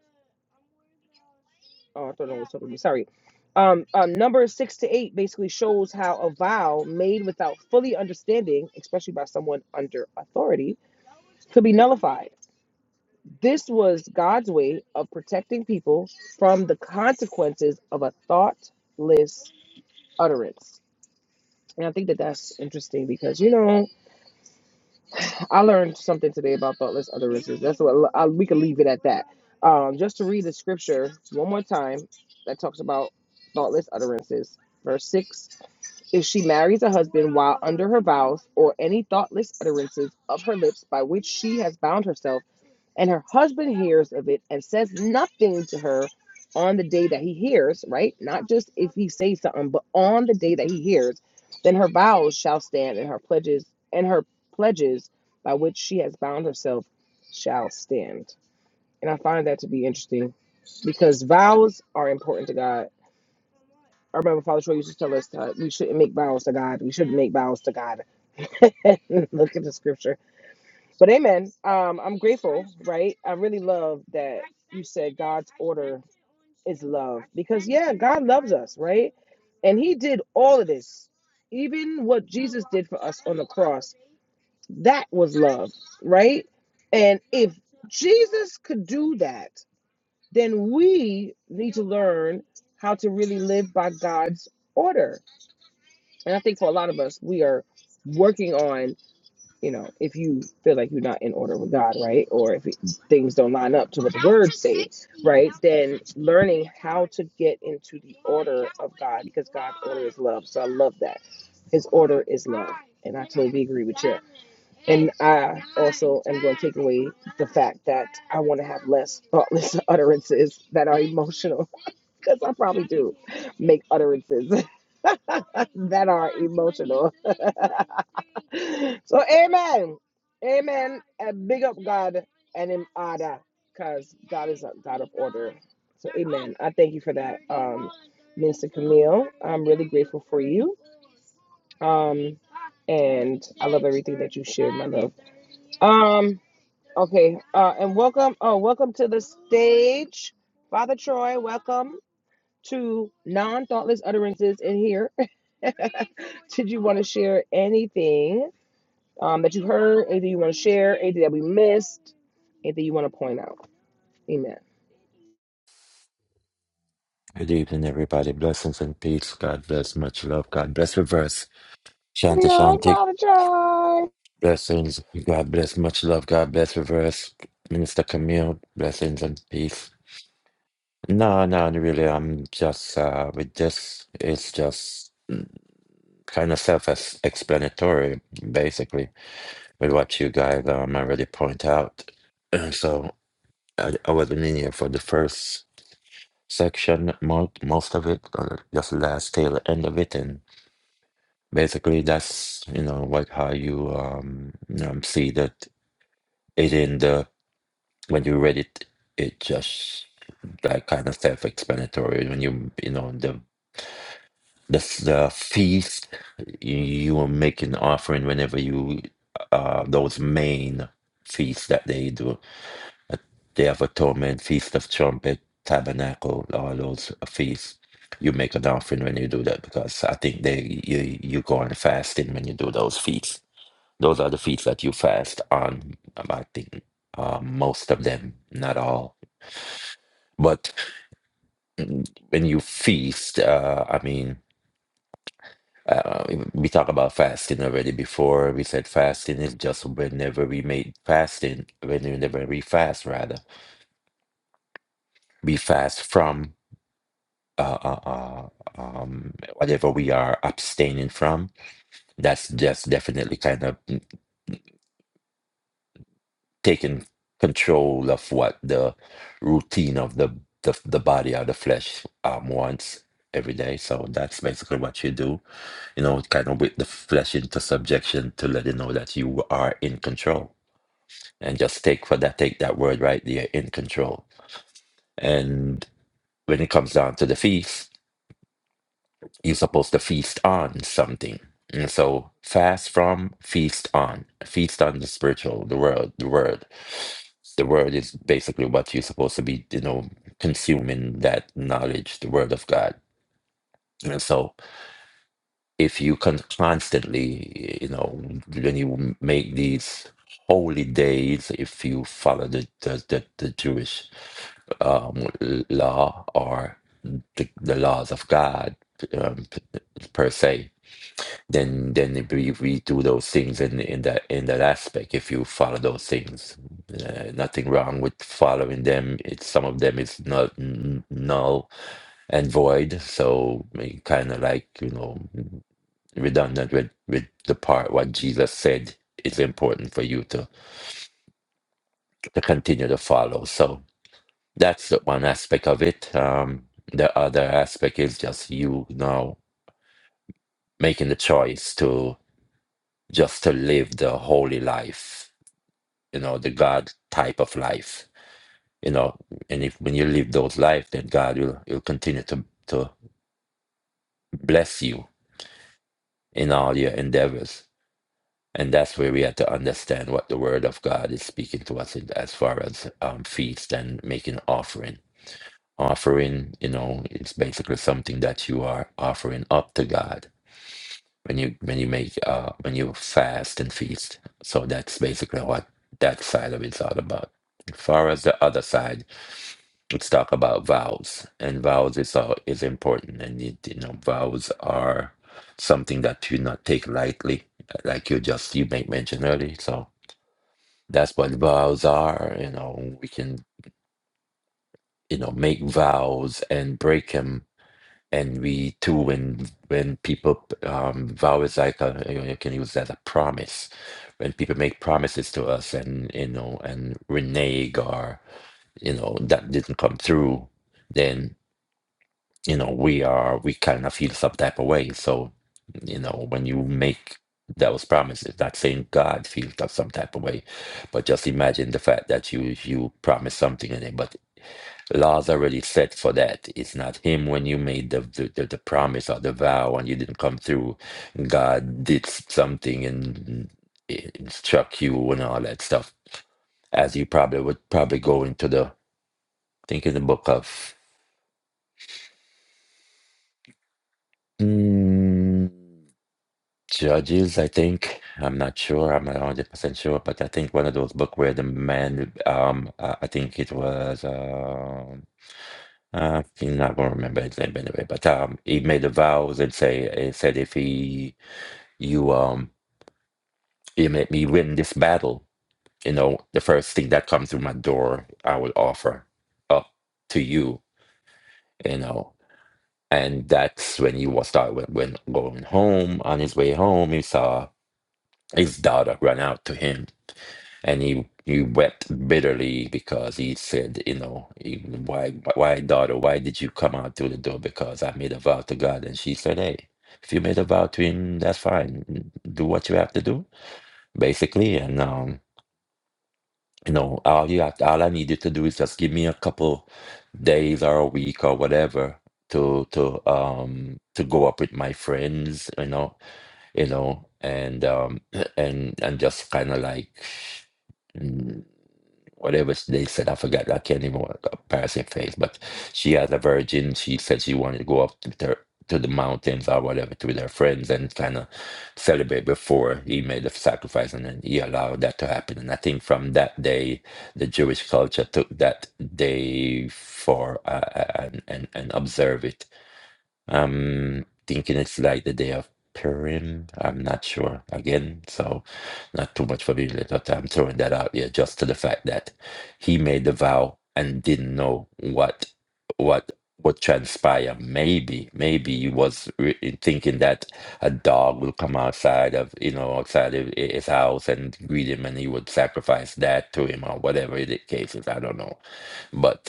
S1: oh, I thought it was totally, sorry. Um, um, number 6 to 8 basically shows how a vow made without fully understanding, especially by someone under authority, could be nullified. This was God's way of protecting people from the consequences of a thoughtless utterance. And I think that that's interesting because, you know, I learned something today about thoughtless utterances. That's what I, we can leave it at that. Um, just to read the scripture one more time that talks about thoughtless utterances. Verse six: If she marries a husband while under her vows, or any thoughtless utterances of her lips by which she has bound herself, and her husband hears of it and says nothing to her on the day that he hears, right? Not just if he says something, but on the day that he hears, then her vows shall stand and her pledges and her pledges by which she has bound herself shall stand. And I find that to be interesting because vows are important to God. I remember Father Troy used to tell us that we shouldn't make vows to God. We shouldn't make vows to God. Look at the scripture but amen. Um, I'm grateful, right? I really love that you said God's order is love because, yeah, God loves us, right? And He did all of this, even what Jesus did for us on the cross. That was love, right? And if Jesus could do that, then we need to learn how to really live by God's order. And I think for a lot of us, we are working on you know, if you feel like you're not in order with God, right? Or if it, things don't line up to what learn to get into the love. So I love that. His order is and totally agree with you. I like that I want to have less thoughtless utterances that are emotional because I probably do make utterances that are emotional. So amen. Amen. And big up God and him order. Because God is a God of order. So amen. I thank you for that, um, Minister Camille. I'm really grateful for you. Um and I love everything that you shared, my love. Um, okay. Uh and welcome, oh, welcome to the stage. Father Troy, welcome to non-thoughtless utterances in here. Did you want to share anything? um, that you heard, anything you want to share, anything that we missed, anything you want to point out. Amen.
S3: Good evening, everybody. Blessings and peace. God bless. Much love. God bless. Reverse.
S1: Good
S3: Shanti
S1: night,
S3: Shanti.
S1: Father John.
S3: Blessings. God bless. Much love. God bless. Reverse. Minister Camille. Blessings and peace. No, no, no, really. I'm just uh, with this. It's just kind of self-explanatory, basically, with what you guys um, already point out. And so I, I wasn't in here for the first section, most most of it, or just last tail end of it, and Basically, that's you know what how you um, um see that it in the when you read it, it just like kind of self-explanatory. When you you know the the the feast, you, you will make an offering whenever you uh those main feasts that they do. They have atonement, feast of trumpet, tabernacle, all those feasts. You make an offering when you do that because I think they you you go on fasting when you do those feasts. Those are the feasts that you fast on. um, I think uh, most of them, not all. But mm, when you feast, uh, I mean, uh, we talked about fasting already before. We said fasting is just whenever we make fasting, whenever we fast, rather, we fast from uh, uh, uh, um, whatever we are abstaining from. That's just definitely kind of. taking control of what the routine of the the, the body or the flesh um, wants every day. So that's basically what you do, you know, kind of with the flesh into subjection to let it know that you are in control. And just take for that, take that word right there, in control. And when it comes down to the feast, you're supposed to feast on something. And so fast from, feast on. Feast on the spiritual, the word, the word. The word is basically what you're supposed to be, you know, consuming that knowledge, the word of God. And so if you can constantly, you know, when you make these holy days, if you follow the the, the, the Jewish um, law or the, the laws of God um, p- per se, then then if we, if we do those things in in that in that aspect if you follow those things uh, nothing wrong with following them it's some of them is not n- null and void so kind of like you know redundant with with the part what jesus said is important for you to to continue to follow so that's the one aspect of it um the other aspect is just you now making the choice to just to live the holy life you know the God type of life. You know, and if when you live those life, then God will will continue to to bless you in all your endeavors. And that's where we have to understand what the Word of God is speaking to us in, as far as um, feast and making offering. Offering, you know, it's basically something that you are offering up to God when you when you make uh, when you fast and feast. So that's basically what that side of it's all about. As far as the other side, let's talk about vowels and vowels is all is important and you, you know vowels are something that you not take lightly uh, like you just you make mention earlier so that's what vowels are you know we can you know make vows and break them and we too when when people um vow is like a you, know, you can use that as a promise when people make promises to us and you know and renege or you know that didn't come through then. you know we are we kind of feel some type of way so you know when you make those promises not saying god feels of some type of way but just imagine the fact that you you promise something in it but laws already set for that it's not him when you made the the, the, the promise or the vow and you didn't come through god did something and it struck you and all that stuff as you probably would probably go into the I think in the book of Mm, Judges, I think. I'm not sure. I'm not 100% sure, but I think one of those book where the man, um, uh, I think it was, um, uh, I not gonna remember his name anyway, but um, he made the vows and say, he said if he, you, um, you make me win this battle, you know, the first thing that comes through my door, I will offer up to you, you know. And that's when he was start when, when going home on his way home, he saw his daughter run out to him and he he wept bitterly because he said, you know, he- why why daughter, why did you come out through the door? Because I made a vow to God, and she said, hey, if you made a vow to him, that's fine. Do what you have to do, basically, and um. You know, all you have, all I need you to do is just give me a couple days or a week or whatever to to um to go up with my friends, you know, you know, and um and and just kind of like whatever they said. I forgot. I can't even want a passing phase. But she as a virgin, she said she wanted to go up to the to the mountains or whatever to with her friends and kind of celebrate before he made the sacrifice and then he allowed that to happen. And I think from that day, the Jewish culture took that day for uh, uh, and, and and observe it I'm thinking it's like the day of Purim. I'm not sure again, so not too much familiar. But I'm throwing that out there just to the fact that he made the vow and didn't know what what would transpire. Maybe, maybe he was re- thinking that a dog will come outside of you know outside of hi- his house and greet him, and he would sacrifice that to him or whatever the case is. I don't know, but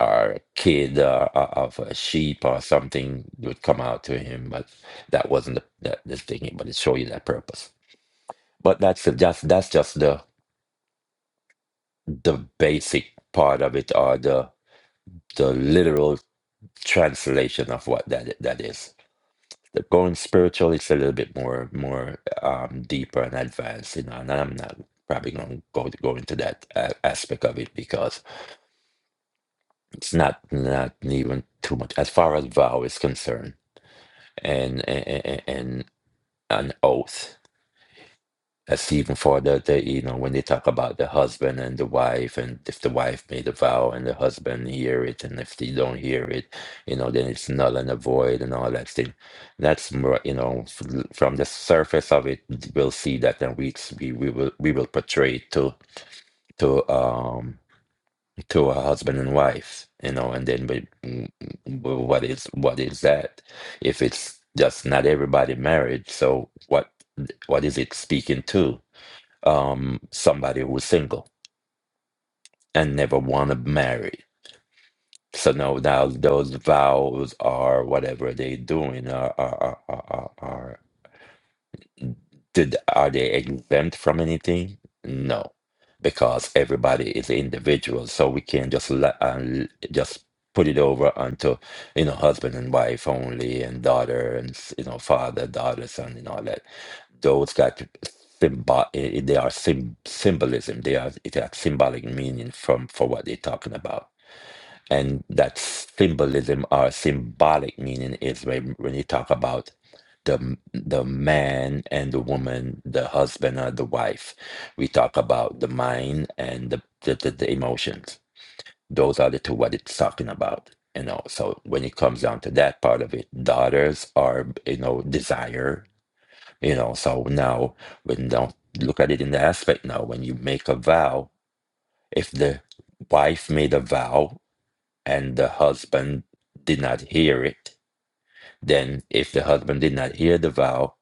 S3: or a kid or, or of a sheep or something would come out to him, but that wasn't the, the, the thing. But it show you that purpose. But that's the- just that's just the the basic part of it, or the the literal translation of what that that is. The going spiritual is a little bit more more um, deeper and advanced, you know. And I'm not probably going to go go into that a- aspect of it because it's not not even too much as far as vow is concerned and and, and an oath. That's even for the, the you know when they talk about the husband and the wife, and if the wife made a vow and the husband hear it, and if they don't hear it, you know then it's null and void and all that thing. That's more you know f- from the surface of it, we'll see that, and we we we will we will portray it to to. um to a husband and wife, you know, and then we, w- w- what is what is that? If it's just not everybody married, so what what is it speaking to? Um, somebody who's single and never want to marry. So now, now those vows or whatever they doing are are are, are, are Did, are they exempt from anything? No, because everybody is individual, so we can't just let, uh, l- just put it over onto you know husband and wife only, and daughter and s- you know father, daughter, son, and all that. Those got symbol. They are sym- symbolism. They are it has symbolic meaning from for what they're talking about and that symbolism or symbolic meaning is when, when you talk about the the man and the woman, the husband or the wife. We talk about the mind and the the, the, the emotions. Those are the two what it's talking about. You know, so when it comes down to that part of it, daughters are you know desire. You know, so now when don't look at it in the aspect now, when you make a vow, if the wife made a vow and the husband did not hear it, then if the husband did not hear the vow,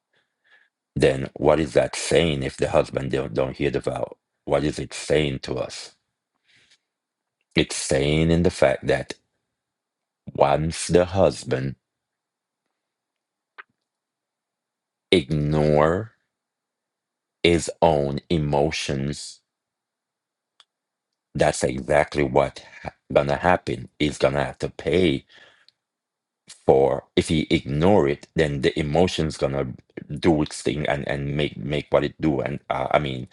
S3: then what is that saying if the husband don't, don't hear the vow? What is it saying to us? It's saying in the fact that once the husband ignore his own emotions, that's exactly what ha- gonna happen. He's gonna have to pay for if he ignore it then the emotion's gonna do its thing and and make make what it do and uh, i mean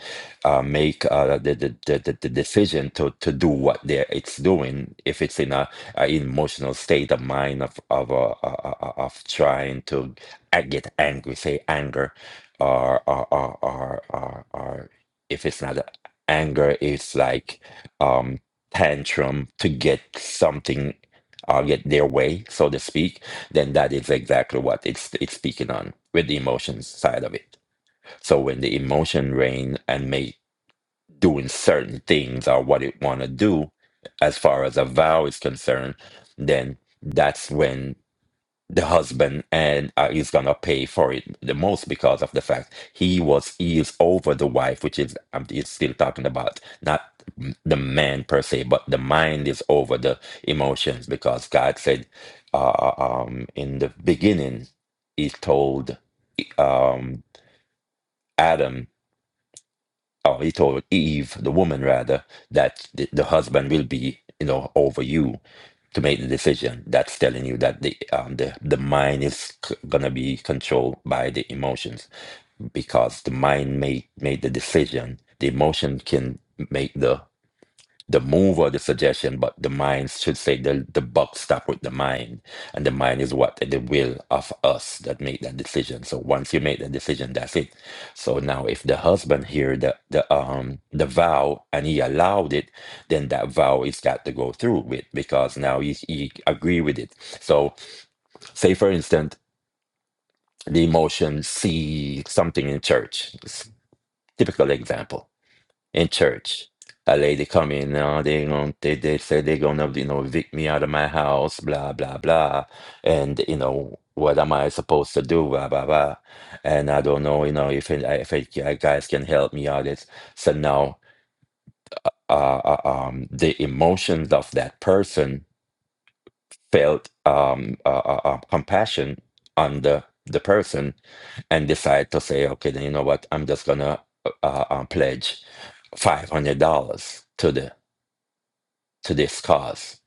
S3: uh make uh the the, the the the decision to to do what they it's doing if it's in a, a emotional state of mind of of uh, uh, uh, uh, of trying to a- get angry say anger or or or or, or, or if it's not uh, anger it's like um tantrum to get something uh, get their way, so to speak, then that is exactly what it's it's speaking on with the emotions side of it. So when the emotion reign and make doing certain things or what it want to do, as far as a vow is concerned, then that's when the husband and uh, he's gonna pay for it the most because of the fact he was he is over the wife which is i'm it's still talking about not the man per se but the mind is over the emotions because god said uh, um in the beginning he told um adam oh, he told Eve, the woman rather, that the, the husband will be, you know, over you to make the decision. That's telling you that the um, the the mind is c- gonna be controlled by the emotions because the mind made made the decision. The emotion can make the the move or the suggestion, but the mind should say the the buck stop with the mind, and the mind is what the will of us that make that decision. So once you make the decision, that's it. So now, if the husband hear the the um the vow and he allowed it, then that vow is got to go through with because now he he agree with it. So say for instance, the emotion see something in church. It's typical example in church. A lady come in, uh, they going they they say they're gonna you know evict me out of my house, blah blah blah, and you know what am I supposed to do, blah blah blah, and I don't know you know if it, if it, you guys can help me out. It's so now uh, uh, um the emotions of that person felt um uh, uh, uh, compassion on the the person and decide to say okay then you know what I'm just gonna uh, uh, pledge five hundred dollars to the. to this cause.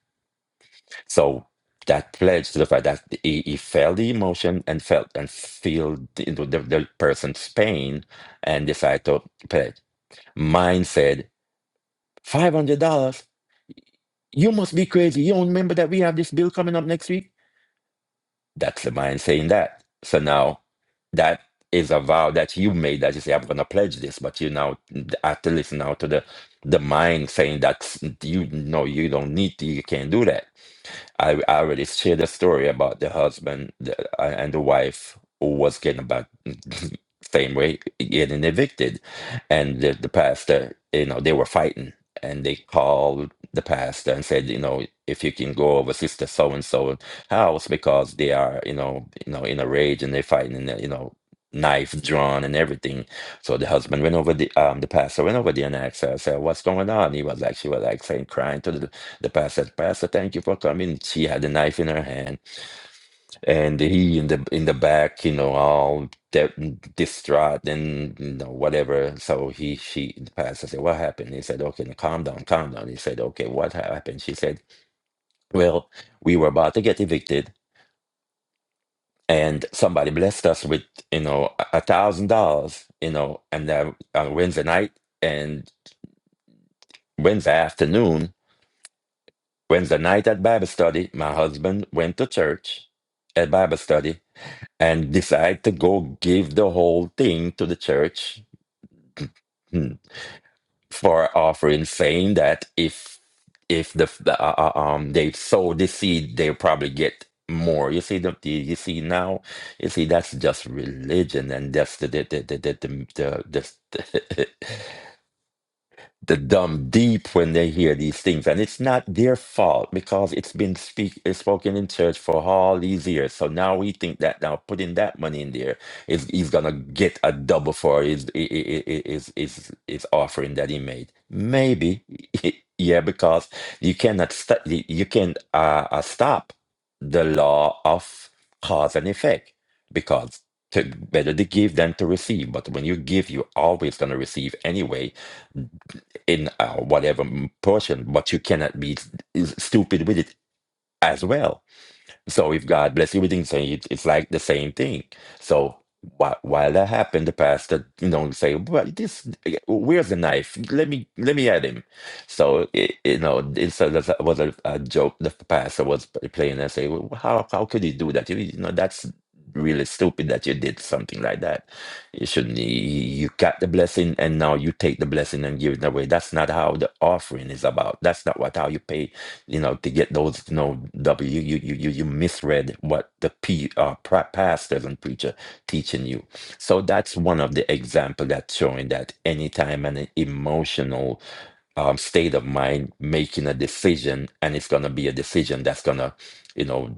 S3: So that pledge to the fact that he, he felt the emotion and felt and feel the, the, the person's pain and decided to pledge. Mine said, $500? You must be crazy. You don't remember that we have this bill coming up next week? That's the mind saying that. So now that is a vow that you made that you say, I'm going to pledge this, but you now have to listen now to the, the mind saying that you know you don't need to, you can't do that. I, I already shared the story about the husband the, uh, and the wife who was getting about same way getting evicted, and the, the pastor, you know, they were fighting, and they called the pastor and said, you know, if you can go over sister so and so house because they are, you know, you know, in a rage and they're fighting, and you know, knife drawn and everything. So the husband went over the um the pastor went over there and asked her, I said, What's going on? He was like she was like saying crying to the the pastor said, Pastor, thank you for coming. She had a knife in her hand, and he in the in the back, you know, all de- distraught and you know whatever. So he she the pastor said, What happened? He said, Okay, now calm down, calm down. He said, Okay, what happened? She said, Well, we were about to get evicted, and somebody blessed us with you know a a thousand dollars, you know, and uh, on Wednesday night and Wednesday afternoon, Wednesday night at Bible study, my husband went to church at Bible study and decide to go give the whole thing to the church hmm, for offering, saying that if if the, the uh, uh, um they sow the seed, they probably get more. You see the, the you see now, you see that's just religion, and that's the the the the the the, the, the the dumb deep when they hear these things and it's not their fault because it's been speak it's spoken in church for all these years so now we think that now putting that money in there is he's gonna get a double for his i- i- i- i- his his, his offering that he made maybe yeah because you cannot st- you can uh, uh, stop the law of cause and effect because to, better to give than to receive but when you give you're always going to receive anyway in uh, whatever m- portion, but you cannot be s- stupid with it as well. So if God bless everything, so it, it's like the same thing. So while while that happened, the pastor, you know, say, "But this, where's the knife? Let me let me at him." So it, you know, it so that was a, a joke. The pastor was playing and say, well, "How how could you do that? You, you know, that's really stupid that you did something like that. You shouldn't. You you got the blessing, and now you take the blessing and give it away. That's not how the offering is about. That's not what how you pay you know, to get those, you know, W, you, you, you, you misread what the P, uh, pra- pastors and preacher teaching you. So that's one of the example that's showing that anytime an emotional um, state of mind making a decision, and it's gonna be a decision that's gonna, you know,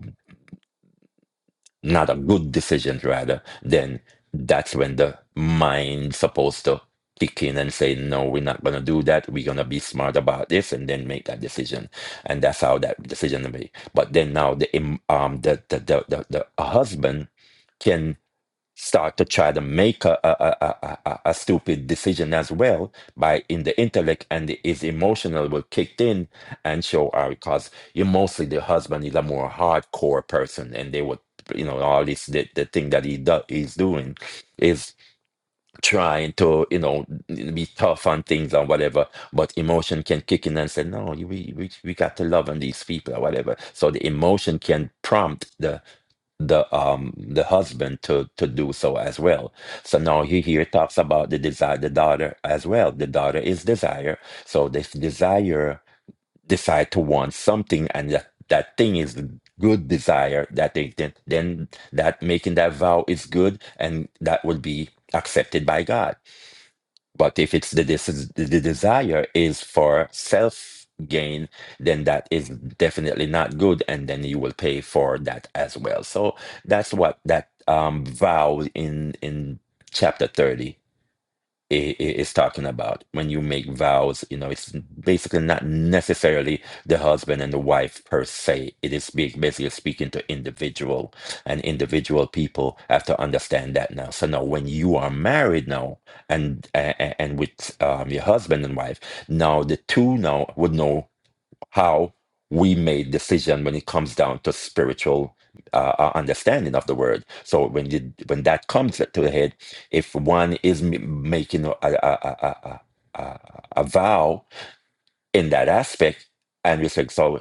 S3: not a good decision rather, then that's when the mind's supposed to kick in and say, no, we're not going to do that. We're going to be smart about this and then make that decision. And that's how that decision is made. But then now the, im- um, the, the, the, the, the husband can start to try to make a, a, a, a, a stupid decision as well by in the intellect and his emotional will kick in and show out because you mostly the husband is a more hardcore person and they would you know all this the, the thing that he do, he's doing is trying to you know be tough on things and whatever but emotion can kick in and say no you- we, we we got to love on these people or whatever so the emotion can prompt the the um the husband to to do so as well so now he here talks about the desire the daughter as well the daughter is desire so this desire decide to want something and that, that thing is the good desire that they then, then that making that vow is good and that will be accepted by god but if it's the, this is, the desire is for self gain, then that is definitely not good, and then you will pay for that as well. So that's what that um, vow in in chapter thirty i- i- is talking about when you make vows you know it's basically not necessarily the husband and the wife per se it is be- basically speaking to individual and individual people have to understand that now so now when you are married now and and, and with um, your husband and wife now the two now would know how we made decision when it comes down to spiritual uh, uh, understanding of the word. So when you when that comes to the head, if one is m- making a, a, a, a, a, a a vow in that aspect, and you say so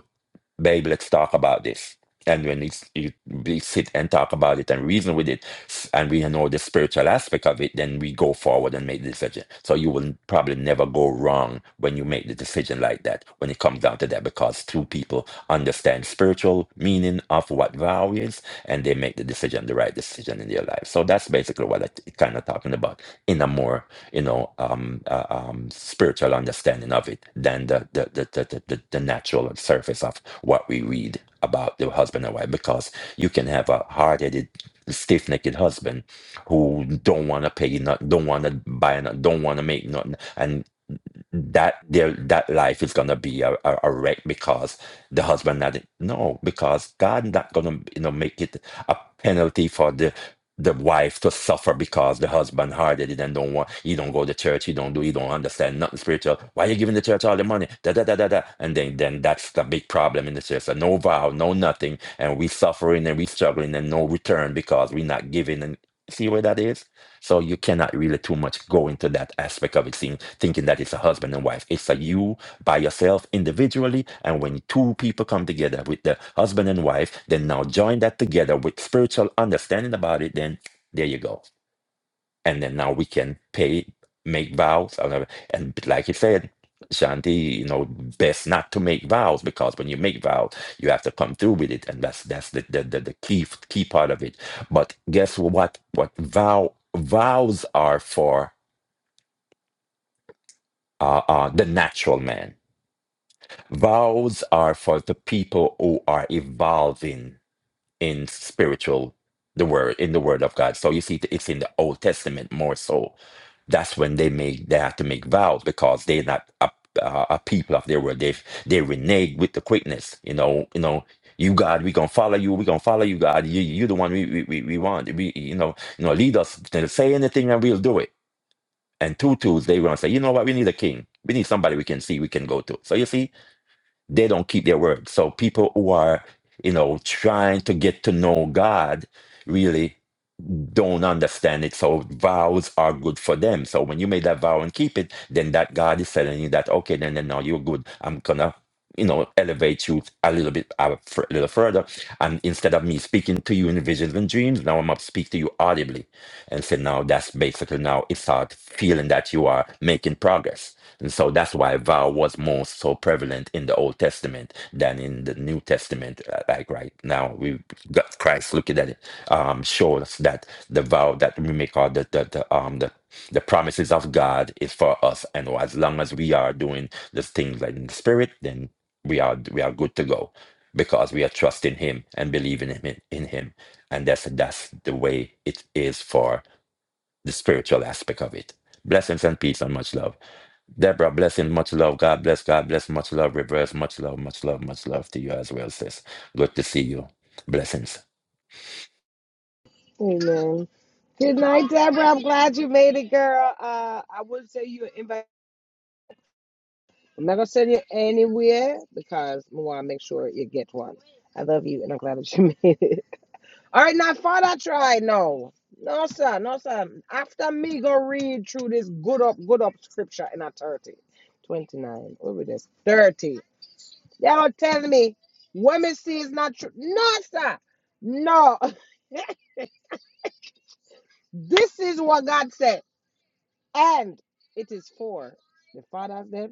S3: babe, let's talk about this. And when it's, you, we sit and talk about it and reason with it, s- and we know the spiritual aspect of it, then we go forward and make the decision. So you will probably never go wrong when you make the decision like that, when it comes down to that, because two people understand spiritual meaning of what vow is, and they make the decision, the right decision in their life. So that's basically what it, it kind of talking about in a more you know um, uh, um, spiritual understanding of it than the the, the, the, the the natural surface of what we read about the husband and wife because you can have a hard-headed stiff-necked husband who don't want to pay nothing don't want to buy nothing don't want to make nothing and that their that life is gonna be a, a, a wreck because the husband not no because God not gonna you know make it a penalty for the the wife to suffer because the husband harded it and don't want he don't go to church he don't do he don't understand nothing spiritual why you giving the church all the money da da da da da and then then that's the big problem in the church so no vow no nothing and we suffering and we struggling and no return because we not giving and see where that is so you cannot really too much go into that aspect of it, seeing, thinking that it's a husband and wife. It's a you by yourself individually. And when two people come together with the husband and wife, then now join that together with spiritual understanding about it, then there you go and then now we can pay, make vows, and, uh, and like you said, Shanti, you know, best not to make vows because when you make vows, you have to come through with it, and that's that's the the, the, the key key part of it. But guess what? What vow vows are for? Uh, uh, the natural man. Vows are for the people who are evolving in spiritual the word in the word of god so you see it's in the old testament more so that's when they make they have to make vows because they're not a, uh, a people of their word they they renege with the quickness you know you know you god we gonna follow you we gonna follow you god you you the one we we, we we want we you know you know lead us to say anything and we'll do it and two twos they gonna say you know what we need a king we need somebody we can see we can go to so you see they don't keep their word. So people who are, you know, trying to get to know God really don't understand it. So vows are good for them. So when you make that vow and keep it, then that God is telling you that, okay, then, then now you're good. I'm gonna you know, elevate you a little bit, a fr- little further. And instead of me speaking to you in visions and dreams, now I'm up to speak to you audibly and say, now that's basically now it's start feeling that you are making progress. And so that's why vow was more so prevalent in the Old Testament than in the New Testament. Uh, Like right now, we've got Christ looking at it, um, showing us that the vow that we make or the, the, the um the the promises of God is for us. And as long as we are doing the things like in the spirit, then we are we are good to go because we are trusting him and believing him in, in him and that's that's the way it is for the spiritual aspect of it blessings and peace and much love deborah blessing much love god bless god bless much love reverse much love much love much love to you as well sis good to see you blessings
S1: Amen. Good night, Deborah. I'm glad you made it, girl. Uh, I would say you an invite. I'm not gonna send you anywhere because I want to make sure you get one. I love you, and I'm glad that you made it. All right, now, Father, try. No, no, sir, no, sir. After me, go read through this good up, good up scripture in our 30, 29. What this? 30. Y'all telling me women see is not true. No, sir. No. This is what God said. And it is for the fathers, them,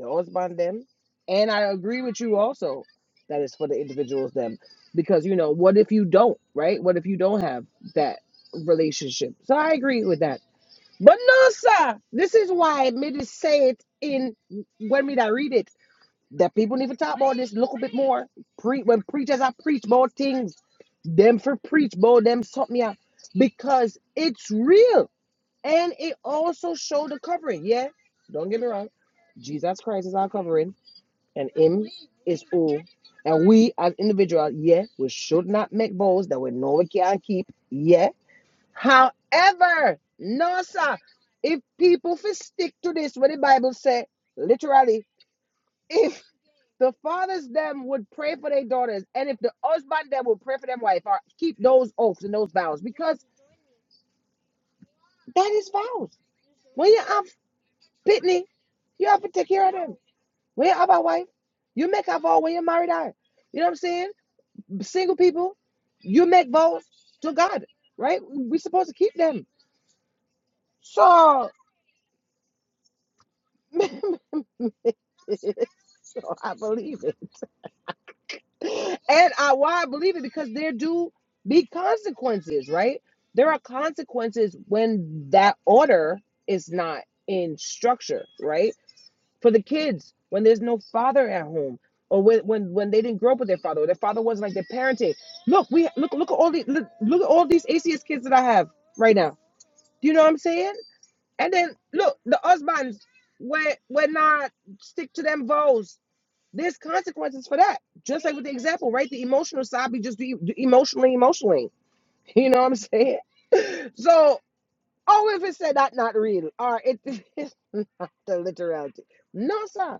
S1: the husband, them. And I agree with you also that it's for the individuals, them. Because, you know, what if you don't, right? What if you don't have that relationship? So I agree with that. But no, sir. This is why me to say it in when me that read it. that people need to talk about this a little bit more. Pre when preachers are preach about things, them for preach about them something yeah, because it's real and it also show the covering. Yeah, don't get me wrong. Jesus Christ is our covering, and Him is all. And we as individuals, yeah, we should not make vows that we know we can't keep. Yeah. However, no sir, if people fi stick to this, what the Bible say, literally, if the fathers them would pray for their daughters, and if the husband them would pray for them wife, or keep those oaths and those vows because that is vows. When you have pitney, you have to take care of them. When you have a wife, you make a vow when you married her. You know what I'm saying? Single people, you make vows to God, right? we supposed to keep them. So, so I believe it. and I why I believe it because there do be consequences, right? There are consequences when that order is not in structure, right? For the kids, when there's no father at home, or when when, when they didn't grow up with their father, or their father wasn't like their parenting. Look, we look look at all these look, look at all these ACS kids that I have right now. You know what I'm saying? And then look, the husbands were were not stick to them vows there's consequences for that. Just like with the example, right? The emotional side, we just do do emotionally, emotionally. You know what I'm saying? So, oh, if it said that, not real, or it is not the literality. No, sir.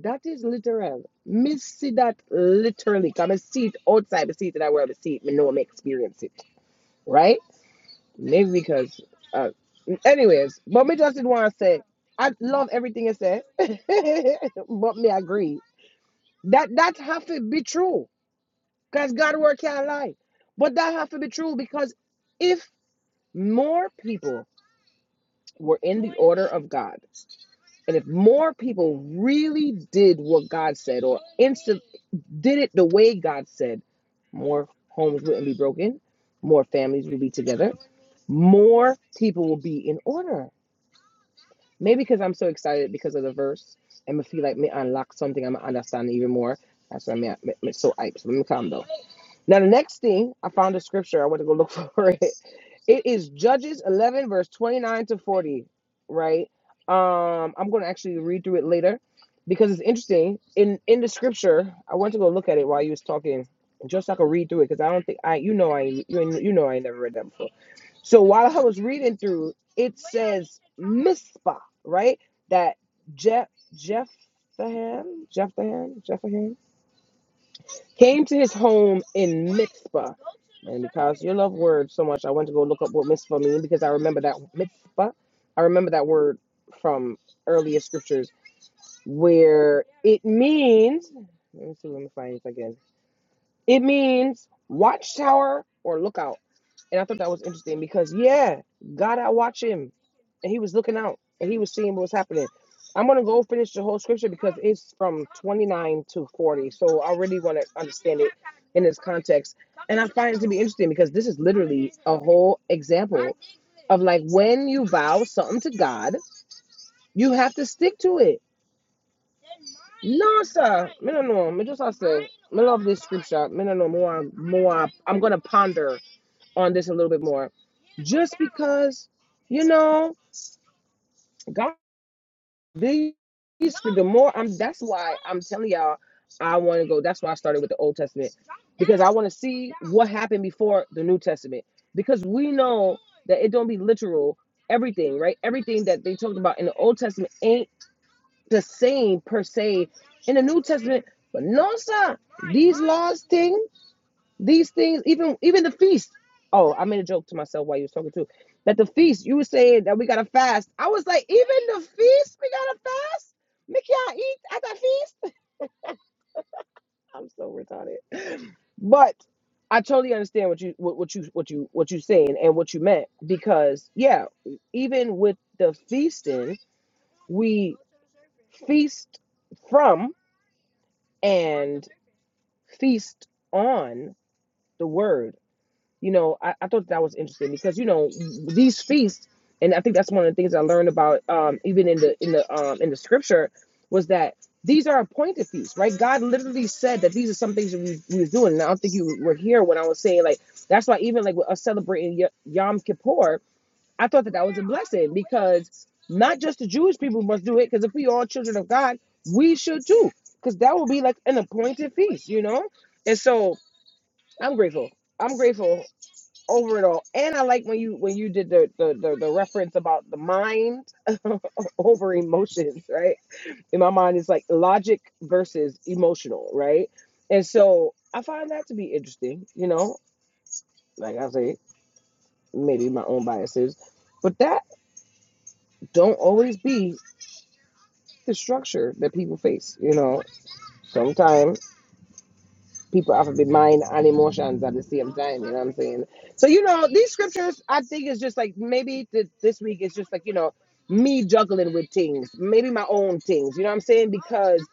S1: That is literal. Me see that literally. Come and see it outside. Me see it in that world. Me see it. Me know. Me experience it. Right? Maybe because, uh, anyways. But me just did want to say, I love everything you said. but me agree that that have to be true Because God word can't lie. But that have to be true because if more people were in the order of God, and if more people really did what God said or instant did it the way God said, more homes wouldn't be broken, more families would be together, more people will be in order. Maybe because I'm so excited because of the verse, and I feel like me unlock something, I'm understand even more. That's why I'm so hyped. So let me calm down. Now, the next thing, I found a scripture. I went to go look for it. It is Judges 11, verse 29 to 40, right? Um, I'm going to actually read through it later because it's interesting. In in the scripture, I went to go look at it while you was talking, just so I could read through it because I don't think I, you know, I ain't- you, ain't- you know, I ain't never read that before. So while I was reading through, it says Mizpah, right? That Jeff Jeff Jephthahan, Jephthahan, Jephthahan came to his home in Mitzvah. And because you love words so much, I went to go look up what Mitzvah means because I remember that Mitzvah. I remember that word from earlier scriptures where it means, let me see, let me find this again. It means watchtower or lookout. And I thought that was interesting because yeah, God I watch him. And he was looking out and he was seeing what was happening. I'm gonna go finish the whole scripture because it's from 29 to 40. So I really want to understand it in its context. And I find it to be interesting because this is literally a whole example of like when you vow something to God, you have to stick to it. No, sir. Me no know. Me just I say. Me love this scripture. Me no know more. More. I'm gonna ponder on this a little bit more. Just because, you know, God, these, the more I'm, that's why I'm telling y'all, I want to go. That's why I started with the Old Testament because I want to see what happened before the New Testament because we know that it don't be literal everything, right? Everything that they talked about in the Old Testament ain't the same per se in the New Testament. But no, sir, these laws thing. These things, even even the feast. Oh, I made a joke to myself while you was talking too. That the feast, you were saying that we gotta fast. I was like, even the feast, we gotta fast. Make y'all eat at the feast. I'm so retarded. But I totally understand what you what, what you what you what you saying and what you meant because yeah, even with the feasting, we feast from and feast on the word you know, I, I thought that was interesting because you know these feasts, and I think that's one of the things I learned about um, even in the in the um, in the scripture was that these are appointed feasts, right? God literally said that these are some things that we, we was doing, and I don't think you were here when I was saying like that's why even like with us celebrating Y- Yom Kippur, I thought that that was a blessing because not just the Jewish people must do it because if we all children of God, we should too because that will be like an appointed feast, you know. And so I'm grateful. I'm grateful over it all. And I like when you when you did the the the, the reference about the mind over emotions, right? In my mind, it's like logic versus emotional, right? And so I find that to be interesting. You know, like I say, maybe my own biases, but that don't always be the structure that people face. You know, sometimes. people have to be mind and emotions at the same time. You know what I'm saying? So you know, these scriptures, I think, it's just like maybe th- this week it's just like you know me juggling with things, maybe my own things. You know what I'm saying? Because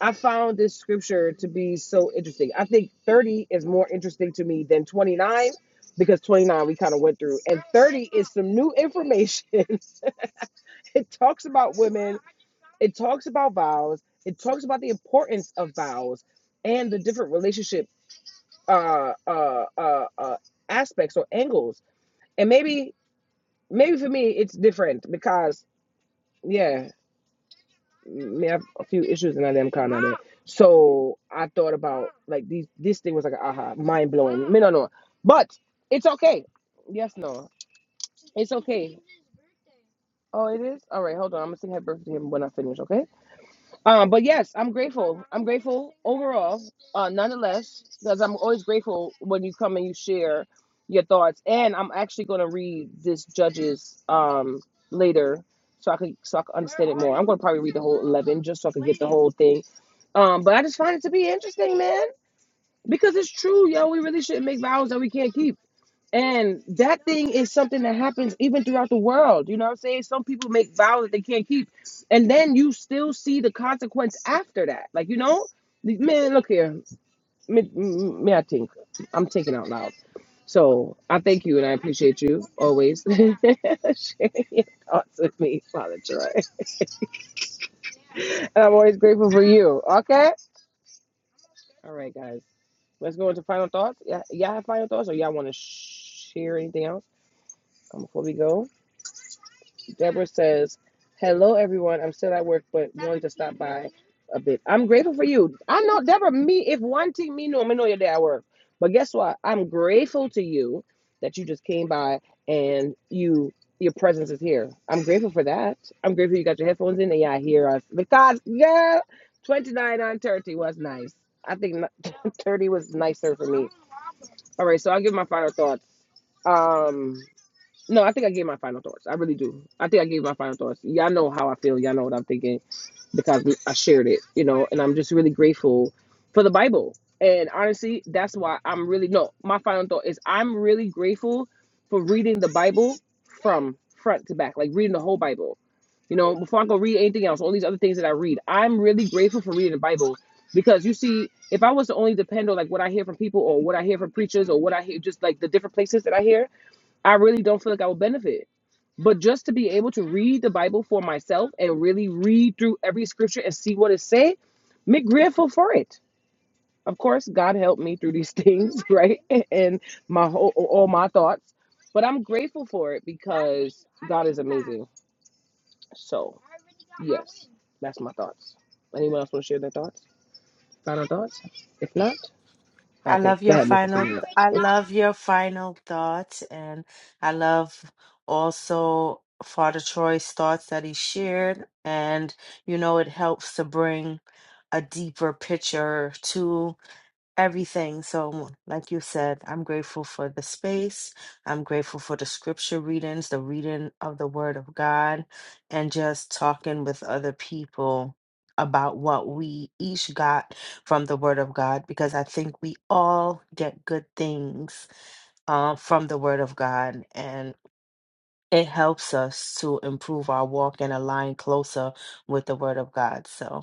S1: I found this scripture to be so interesting. I think 30 is more interesting to me than 29 because 29 we kind of went through, and 30 is some new information. it talks about women. It talks about vows. It talks about the importance of vows and the different relationships uh, uh, uh, uh, aspects or angles. And maybe, maybe for me, it's different because, yeah, me have a few issues and I am kind of it. So I thought about like these. This thing was like aha, mind blowing. Me no no, but it's okay. Yes, no, it's okay. Oh, it is. All right, hold on. I'm gonna sing happy birthday to him when I finish. Okay. Um, but yes, I'm grateful. I'm grateful overall, uh, nonetheless, because I'm always grateful when you come and you share your thoughts. And I'm actually going to read this judges um later, so I could so I could, I'm going to probably read whole eleven just so I can the whole thing. Um, but I just find it to be interesting, man, because it's true, yo. We really shouldn't make vows that we can't keep. And that thing is something that happens even throughout the world. You know what I'm saying? Some people make vows that they can't keep. And then you still see the consequence after that. Like, you know, man, look here. Me, me I think. I'm thinking out loud. So I thank you and I appreciate you always sharing your thoughts with me, Father Troy. And I'm always grateful for you. Okay? All right, guys. Let's go into final thoughts. Yeah, y'all have final thoughts or y'all want to share anything else um, before we go? Deborah says, Hello, everyone. I'm still at work, but a bit. I'm grateful for you. I know, Deborah, me, if one thing me know, I know you're there at work. But guess what? I'm grateful to you that you just came by and you your presence is here. I'm grateful for that. I'm grateful you got your headphones in and yeah, I hear us. Because, yeah, 29 on 30 was nice. I think 30 was nicer for me. All right, so I'll give my final thoughts. Um, no, I think I gave my final thoughts. I really do. I think I gave my final thoughts. Y'all know how I feel. Y'all know what I'm thinking because we- I shared it, you know, and I'm just really grateful for the Bible. And honestly, that's why I'm really, no, my final thought is I'm really grateful for reading the Bible from front to back, like reading the whole Bible. You know, before I go read anything else, all these other things that I read, I'm really grateful for reading the Bible because you see, if I was to only depend on like what I hear from people or what I hear from preachers or what I hear, just like the different places that I hear, I really don't feel like I would benefit. But just to be able to read the Bible for myself and really read through every scripture and see what it say, me grateful for it. Of course, God helped me through these things, right? And my whole all my thoughts. But I'm grateful for it because God is amazing. So that's my thoughts. Anyone else want to share their thoughts? Final thoughts? If not,
S2: I
S1: okay,
S2: love
S1: go
S2: your
S1: ahead, Mrs.
S2: final th- I love your final thoughts and I love also Father Troy's thoughts that he shared and you know it helps to bring a deeper picture to everything. So, like you said, I'm grateful for the space. I'm grateful for the scripture readings, the reading of the Word of God, and just talking with other people about what we each got from the Word of God, because I think we all get good things uh, from the Word of God. And it helps us to improve our walk and align closer with the Word of God. So,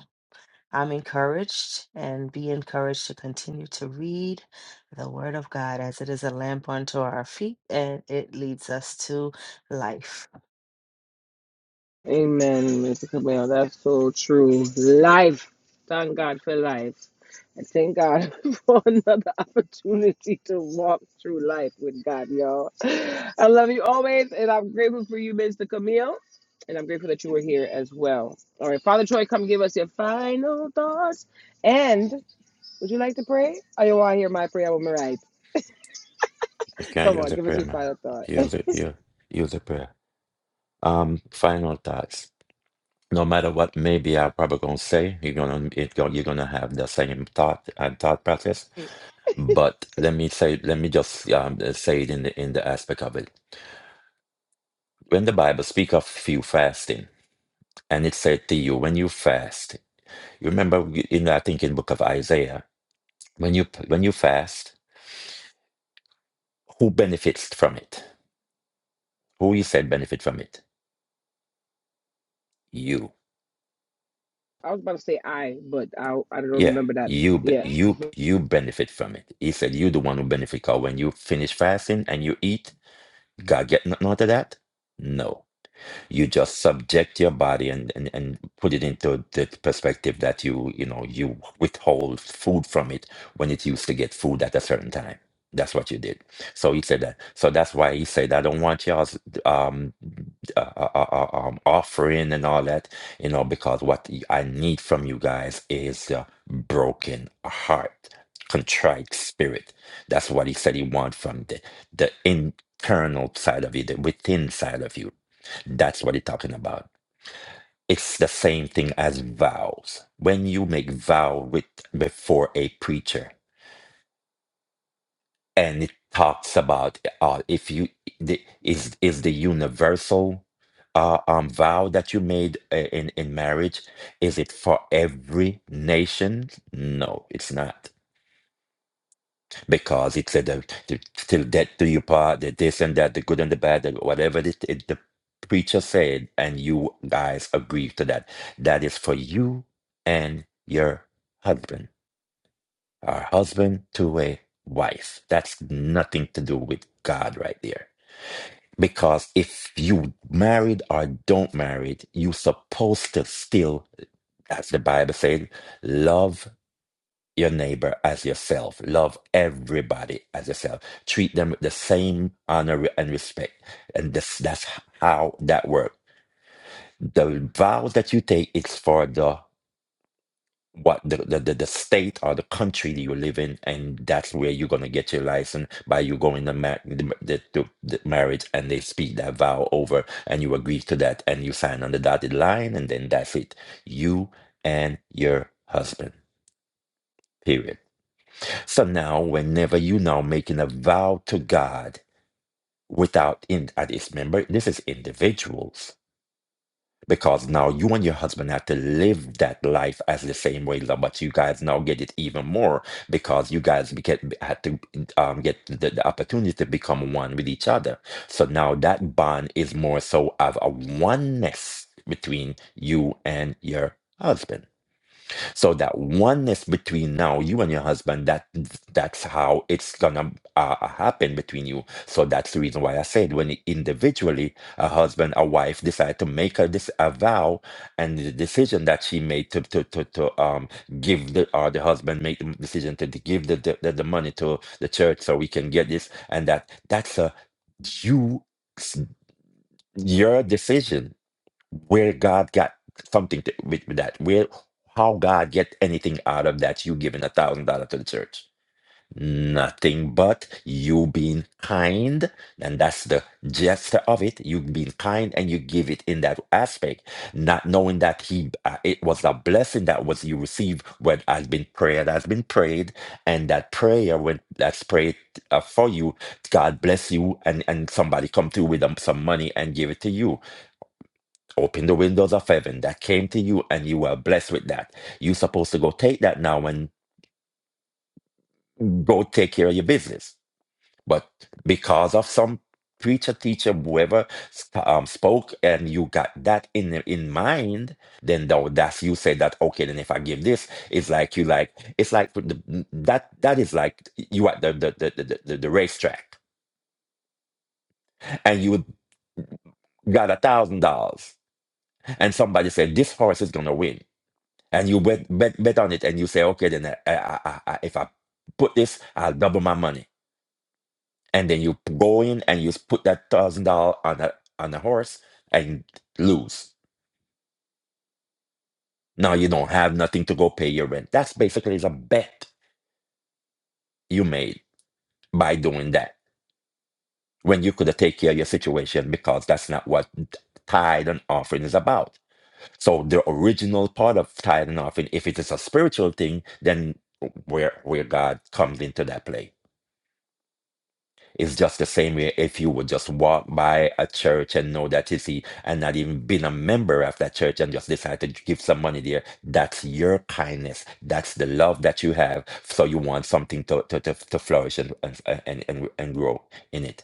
S2: I'm encouraged and be encouraged to continue to read the Word of God as it is a lamp unto our feet and it leads us to life.
S1: Amen, Mr. Cabell. That's so true. Life. Thank God for life. And thank God for another opportunity to walk through life with God, y'all. I love you always, and I'm grateful for you, Mr. Camille. And I'm grateful that you were here as well. All right, Father Troy, come give us your final thoughts. And would you like to pray? Oh, you want to hear my prayer? I'm right.
S3: you can't
S1: Come
S3: use
S1: on,
S3: the
S1: give us
S3: prayer
S1: your
S3: man
S1: final thought.
S3: use it use,
S1: I
S3: use the prayer um final thoughts no matter what maybe i'm probably gonna say you're gonna it go, you're gonna have the same thought and thought process But let me say, let me just um, say it in the in the aspect of it. When the Bible speak of you fasting, and it said to you, when you fast, you remember in I think in book of Isaiah, when you when you fast, who benefits from it? Who he said benefit from it? You.
S1: was about to say I, but I, I don't
S3: Yeah,
S1: remember
S3: you
S1: that.
S3: be- you you benefit from it. He said you the one who benefit. Cause when you finish fasting and you eat, God get nothing out of that? No. you just subject your body and, and, and put it into the perspective that you you know you withhold food from it when it used to get food at a certain time that's what you did so he said that so that's why he said i don't want y'all's um, uh, uh, uh, uh, um offering and all that you know because what i need from you guys is a broken heart contrite spirit that's what he said he want from the the internal side of you the within side of you that's what it's talking about. It's the same thing as vows. When you make vow with before a preacher, and it talks about uh, if you the, is is the universal uh, um, vow that you made uh, in in marriage, is it for every nation? No, it's not. because it said that to, till death do you part, that this and that, the good and the bad, that whatever it, it, the preacher said, and you guys agree to that. That is for you and your husband, or husband to a wife. That's nothing to do with God right there. Because if you married or don't married, you supposed to still, as the Bible said, love your neighbor as yourself. Love everybody as yourself. Treat them with the same honor and respect. And this, that's how that works. The vows that you take is for the what the, the, the, the state or the country that you live in, and that's where you're gonna get your license by you going to ma- the, the, the, the marriage, and they speak that vow over, and you agree to that, and you sign on the dotted line, and then that's it. You and your husband. Period. So now, whenever you now making a vow to God without in at this remember, this is individuals. Because now you and your husband have to live that life as the same way, love, but you guys now get it even more because you guys get had to um, get the, the opportunity to become one with each other. So now that bond is more so of a oneness between you and your husband so that oneness between now you and your husband that that's how it's gonna uh, uh, happen between you so that's the reason why i said when individually a husband a wife decide to make a, this a vow and the decision that she made to to to, to um give the or the husband made the decision to, to give the, the the the money to the church so we can get this and that that's a you It's your decision where God got something to, with, with that. Where how God get anything out of that? You giving a thousand dollar to the church? Nothing but you being kind, and that's the gesture of it. You being kind, and you give it in that aspect, not knowing that he uh, it was a blessing that was you received when has been prayer that has been prayed, and that prayer when that's prayed uh, for you, God bless you, and and somebody come through with um, some money and give it to you Open the windows of heaven that came to you and you were blessed with that. You're supposed to go take that now and go take care of your business. But because of some preacher, teacher, whoever um, spoke, and you got that in in mind, then though that's you say that okay. Then if I give this, it's like you like it's like with the, that that is like you at the the the the, the, the racetrack and you got a thousand dollars, and somebody said this horse is gonna win and you bet bet bet on it, and you say, okay, then uh, I, I, I, I, if I put this, I'll double my money, and then you go in and you put that thousand dollar on a on a horse and lose. Now you don't have nothing to go pay your rent. That's basically is a bet you made by doing that when you could have taken care of your situation because that's not what tithe and offering is about. So the original part of tithe and offering, if it is a spiritual thing, then where where God comes into that play. It's just the same way if you would just walk by a church and know that it's see and not even been a member of that church and just decide to give some money there. That's your kindness. That's the love that you have. So you want something to to to, to flourish and and, and and and grow in it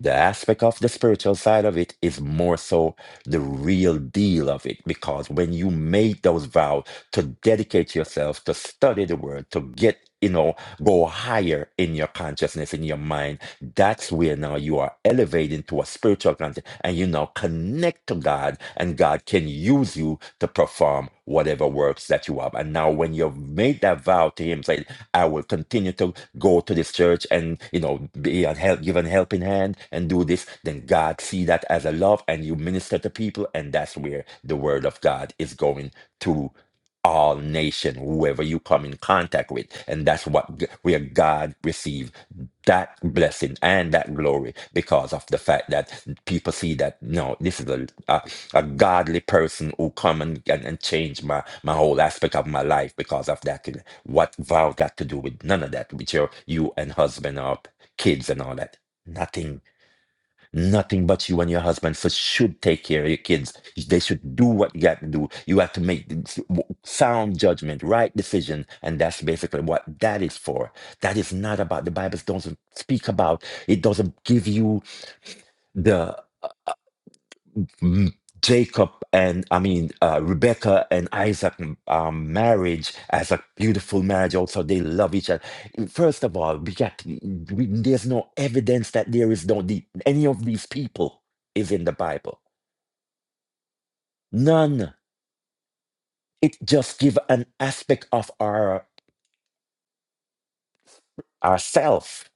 S3: the aspect of the spiritual side of it is more so the real deal of it because when you make those vows to dedicate yourself to study the word to get you know go higher in your consciousness in your mind that's where now you are elevating to a spiritual content and you now connect to god and god can use you to perform whatever works that you have and now when you've made that vow to him say I will continue to go to this church and you know be a help, give an helping hand and do this, then God see that as a love, and you minister to people, and that's where the word of God is going to all nation, whoever you come in contact with. And that's what g- where God received that blessing and that glory because of the fact that people see that no, this is a a, a godly person who come and, and, and change my, my whole aspect of my life because of that. What vow got to do with none of that with your you and husband or kids and all that? Nothing Nothing but you and your husband for should take care of your kids. They should do what you got to do. You have to make the sound judgment, right decision, and that's basically what that is for. That is not about the Bible doesn't speak about. It doesn't give you the mm, Jacob and I mean uh, Rebecca and Isaac mm, um, marriage as a beautiful marriage. Also, they love each other. First of all, we got we, there's no evidence that there is no the, any of these people is in the Bible None. It just gives an aspect of our ourself.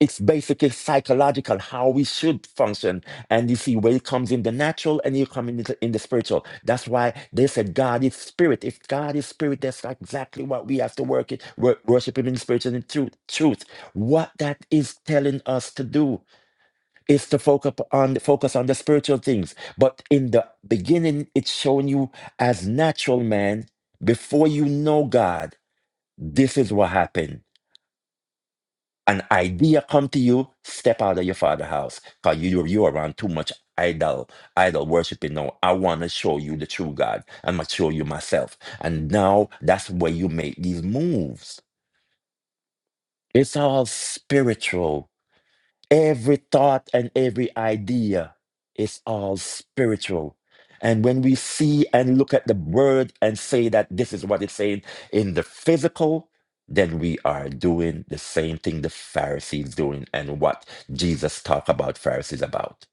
S3: It's basically psychological how we should function. And you see where it comes in the natural and you come in the, in the spiritual. That's why they said God is spirit. If God is spirit, that's like exactly what we have to work it, wor- worship him in spirit and in truth. Truth. What that is telling us to do is to focus on focus on the spiritual things. But in the beginning, it's showing you as natural man before you know God This is what happened. An idea come to you, step out of your father's house. Cause you you around too much idol, idol worshiping. No, I want to show you the true God. I'm gonna show you myself. And now that's where you make these moves. It's all spiritual Every thought and every idea is all spiritual. And when we see and look at the word and say that this is what it's saying in the physical, then we are doing the same thing the Pharisees doing and what Jesus talked about Pharisees about.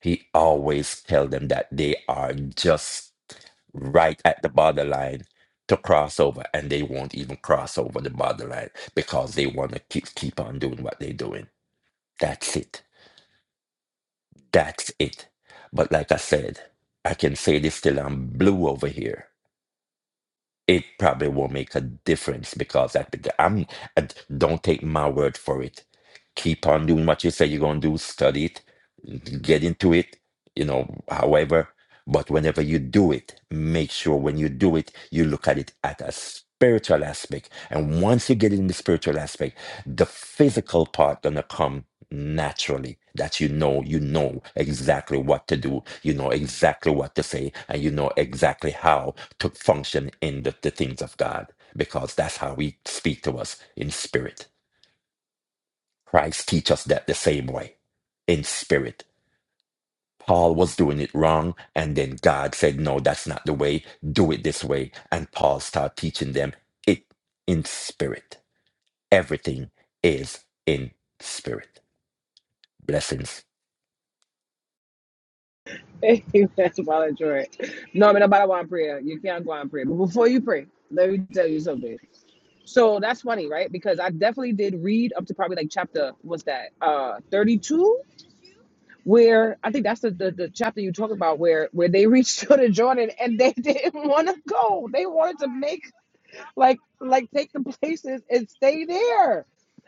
S3: He always tell them that they are just right at the borderline to cross over and they won't even cross over the borderline because they want to keep keep on doing what they're doing. That's it. That's it. But like I said, I can say this till I'm blue over here it probably will make a difference because I, I'm I d- don't take my word for it. Keep on doing what you say you're gonna do. Study it, get into it. You know, however, but whenever you do it, make sure when you do it, you look at it at a spiritual aspect. And once you get in the spiritual aspect, the physical part gonna come naturally. That you know, you know exactly what to do. You know exactly what to say, and you know exactly how to function in the, the things of God because that's how He speak to us in spirit. Christ teach us that the same way in spirit. Paul was doing it wrong, and then God said, "No, that's not the way. Do it this way." And Paul started teaching them it in spirit. Everything is in spirit. Blessings.
S1: Amen, Father Joy. No, but nobody want prayer. You can't go and pray. But before you pray, let me tell you something. So that's funny, right? Because I definitely did read up to probably like chapter what's that? Uh 32, where I think that's the, the, the chapter you talk about where where they reached to the Jordan and they didn't want to go. They wanted to make like like take the places and stay there.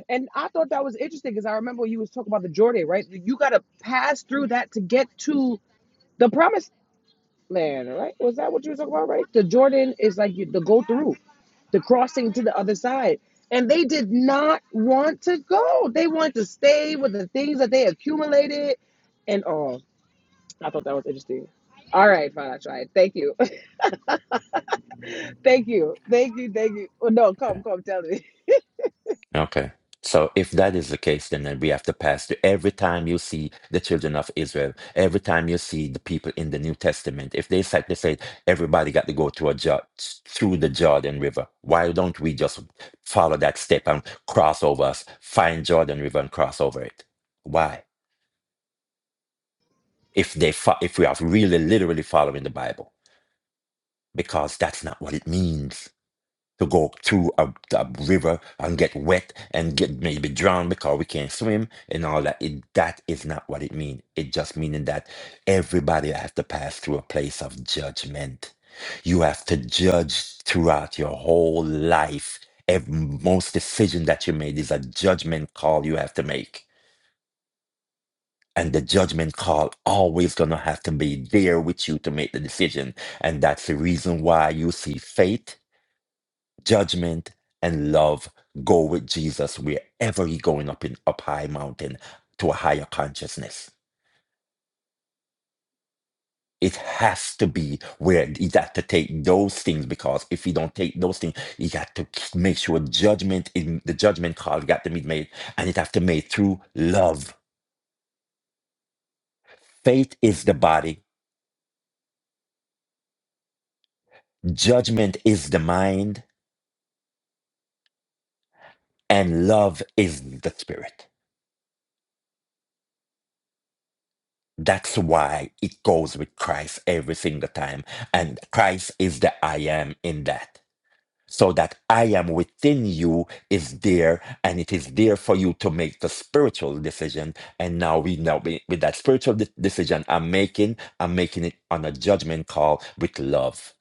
S1: And I thought that was interesting because I remember you was talking about the Jordan, right? You gotta pass through that to get to the promised man, right? Was that what you were talking about, right? The Jordan is like you, the go through, the crossing to the other side. And they did not want to go. They wanted to stay with the things that they accumulated and all. I thought that was interesting. All right, fine, I tried. Thank you. thank you. Thank you. Thank you. Well, no, come, come, tell me.
S3: Okay. So if that is the case, then, then we have to pass through every time you see the children of Israel, every time you see the people in the New Testament, if they said they say everybody got to go through a Jor- through the Jordan River, why don't we just follow that step and cross over us, find Jordan River and cross over it? Why? If they fo- if we are really literally following the Bible, because that's not what it means. to go through a, a river and get wet and get maybe drowned because we can't swim and all that. It, that is not what it means. It just meaning that everybody has to pass through a place of judgment. You have to judge throughout your whole life. Every, most decision that you made is a judgment call you have to make. And the judgment call always gonna have to be there with you to make the decision. And that's the reason why you see faith judgment and love go with Jesus wherever you're going up in up high mountain to a higher consciousness. It has to be where he got to take those things because if he don't take those things, he got to k- make sure judgment in the judgment call got to be made and it have to be made through love. Faith is the body, judgment is the mind, and love is the spirit. That's why it goes with Christ every single time. And Christ is the I am in that. So that I am within you is there and it is there for you to make the spiritual decision. And now we know we- with that spiritual de- decision I'm making, I'm making it on a judgment call with love.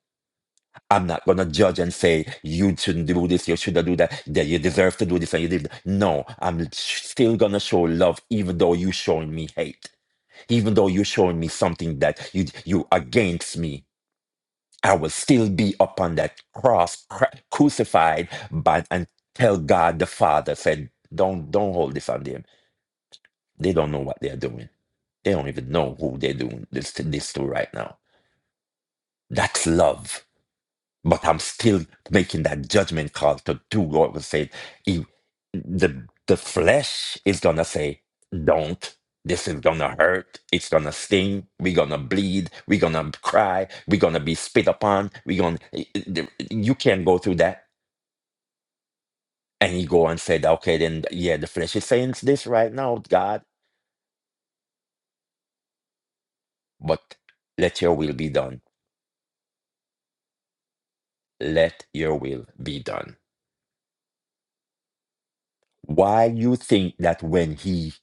S3: I'm not gonna judge and say you shouldn't do this, you shouldn't do that, that you deserve to do this and you did. No, I'm sh- still gonna show love even though you showing me hate even though you're showing me something that you you against me i will still be upon that cross cru- crucified but and tell god the father said don't don't hold this on them they don't know what they're doing they don't even know who they're doing this to this to right now that's love but I'm still making that judgment call to do what was said. If the the flesh is gonna say, "Don't." This is gonna hurt. It's gonna sting. We're gonna bleed. We're gonna cry. We're gonna be spit upon. We're gonna. You can't go through that. And he go and said, "Okay, then yeah, the flesh is saying this right now, God, but let your will be done. Let your will be done." Why you think that when he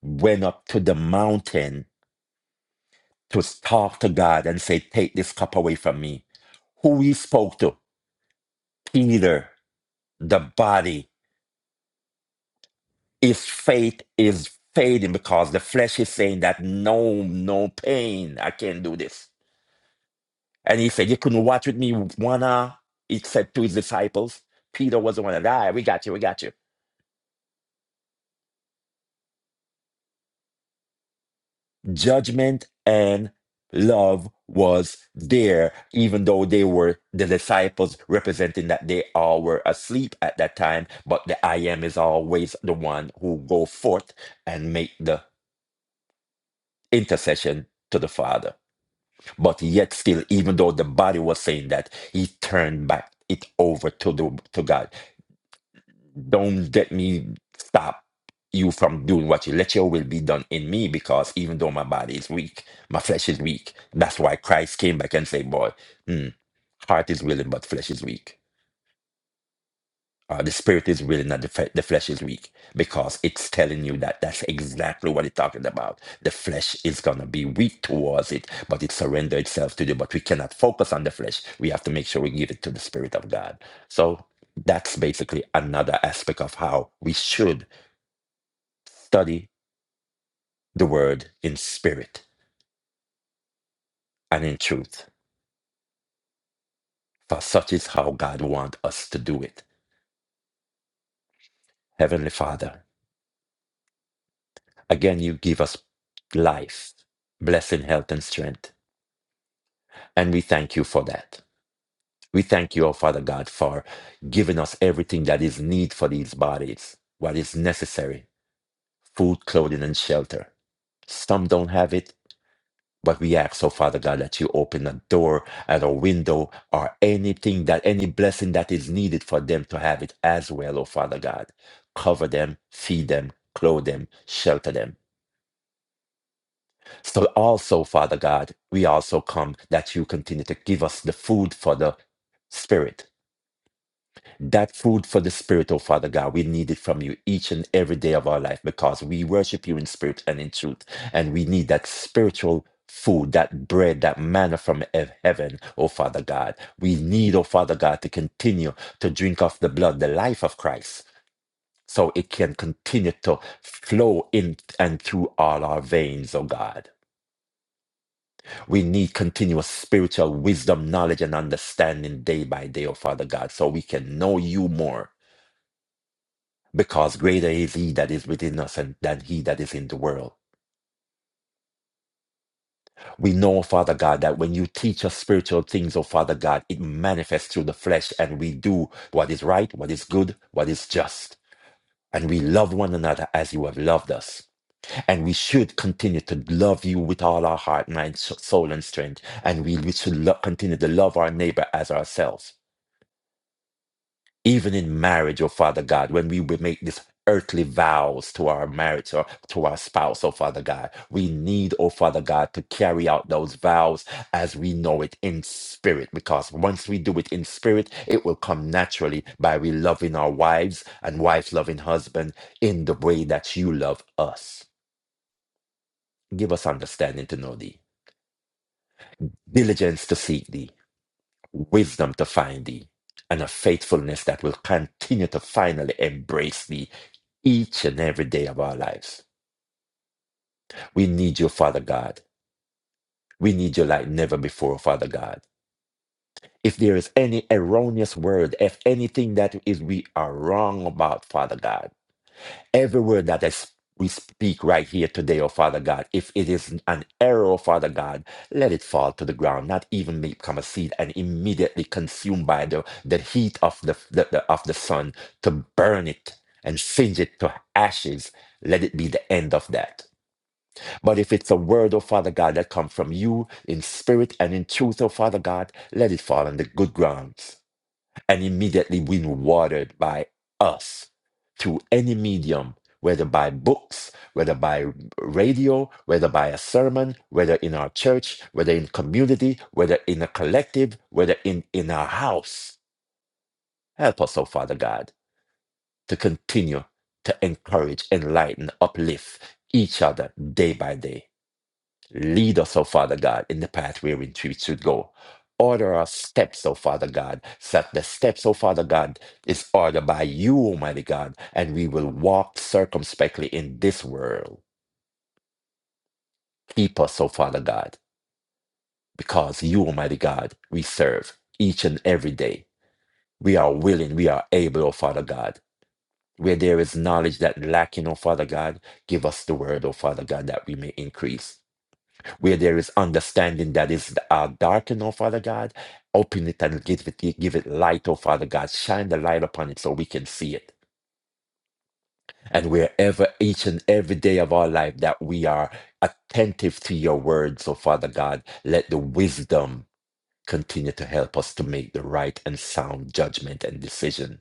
S3: went up to the mountain to talk to God and say, Take this cup away from me. Who he spoke to, Peter, the body, his faith is fading because the flesh is saying that no, no pain, I can't do this. And he said, You couldn't watch with me one hour. He said to his disciples, Peter was the one that, all right, we got you, we got you. judgment and love was there, even though they were the disciples representing that they all were asleep at that time. But the I am is always the one who go forth and make the intercession to the Father. But yet still, even though the body was saying that, he turned back it over to the to God. don't get me stop you from doing what you let your will be done in me because even though my body is weak my flesh is weak that's why christ came back and say boy hmm, heart is willing but flesh is weak uh, the spirit is willing not the, fe- the flesh is weak because it's telling you that that's exactly what it's talking about the flesh is going to be weak towards it but it surrender itself to you but we cannot focus on the flesh we have to make sure we give it to the spirit of god so that's basically another aspect of how we should Study the word in spirit and in truth, for such is how God wants us to do it. Heavenly Father, again, you give us life, blessing, health, and strength. And we thank you for that. We thank you, O Father God, for giving us everything that is need for these bodies, what is necessary food, clothing, and shelter. Some don't have it, But we ask, oh Father God, that you open a door and a window or anything that any blessing that is needed for them to have it as well, oh Father God. Cover them, feed them, clothe them, shelter them. So also, Father God, we also come that you continue to give us the food for the spirit that food for the spirit, oh Father God. We need it from you each and every day of our life because we worship you in spirit and in truth. And we need that spiritual food, that bread, that manna from hev- heaven, oh Father God. We need, oh Father God, to continue to drink of the blood, the life of Christ. So it can continue to flow in and through all our veins, oh God. We need continuous spiritual wisdom, knowledge, and understanding day by day, oh Father God, so we can know you more because greater is he that is within us and than he that is in the world. We know, Father God, that when you teach us spiritual things, oh Father God, it manifests through the flesh and we do what is right, what is good, what is just. And we love one another as you have loved us. And we should continue to love you with all our heart, mind, s- soul, and strength. And we, we should lo- continue to love our neighbor as ourselves. even in marriage, oh Father God, when we would make these earthly vows to our marriage or to our spouse, oh Father God, we need, oh Father God, to carry out those vows as we know it in spirit, because once we do it in spirit, it will come naturally by we loving our wives and wives loving husband in the way that you love us. Give us understanding to know thee, diligence to seek thee, wisdom to find thee and a faithfulness that will continue to finally embrace thee each and every day of our lives. We need you, Father God. We need you like never before, Father God. If there is any erroneous word, if anything that is we are wrong about, Father God, every word that is we speak right here today, oh Father God. If it is an error, oh Father God, let it fall to the ground, not even become a seed and immediately consumed by the, the heat of the, the, the of the sun to burn it and singe it to ashes. Let it be the end of that. But if it's a word, oh Father God, that comes from you in spirit and in truth, oh Father God, let it fall on the good grounds and immediately be watered by us through any medium, whether by books, whether by radio, whether by a sermon, whether in our church, whether in community, whether in a collective, whether in, in our house. Help us, oh Father God, to continue to encourage, enlighten, uplift each other day by day. Lead us, O Father God, in the path where we should go. Order our steps, O Father God, so that the steps, O Father God, is ordered by you, Almighty God, and we will walk circumspectly in this world. Keep us, O Father God, because you, Almighty God, we serve each and every day. We are willing, we are able, O Father God. Where there is knowledge that lacking, O Father God, give us the word, O Father God, that we may increase. where there is understanding that is uh, darkened, oh Father God. Open it and give it, give it light, oh Father God. Shine the light upon it so we can see it. And wherever each and every day of our life that we are attentive to your words, oh Father God, let the wisdom continue to help us to make the right and sound judgment and decision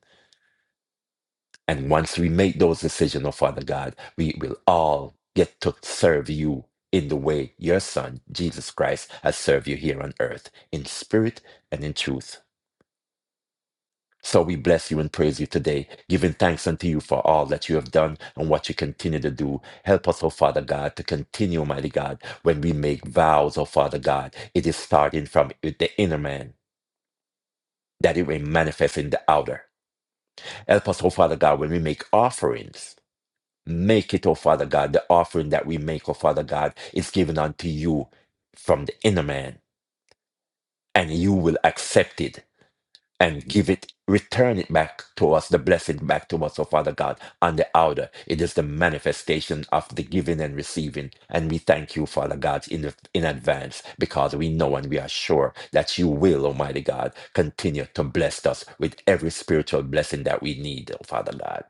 S3: And once we make those decisions, oh Father God, we will all get to serve you in the way your Son, Jesus Christ, has served you here on earth, in spirit and in truth. So we bless you and praise you today, giving thanks unto you for all that you have done and what you continue to do. Help us, O Father God, to continue, mighty God, when we make vows, O Father God, it is starting from the inner man, that it will manifest in the outer. Help us, O Father God, when we make offerings. Make it, oh Father God, the offering that we make, oh Father God, is given unto you from the inner man, and you will accept it and give it, return it back to us, the blessing back to us, oh Father God, on the outer. It is the manifestation of the giving and receiving. And we thank you, Father God, in, in advance because we know and we are sure that you will, Almighty God, continue to bless us with every spiritual blessing that we need, oh Father God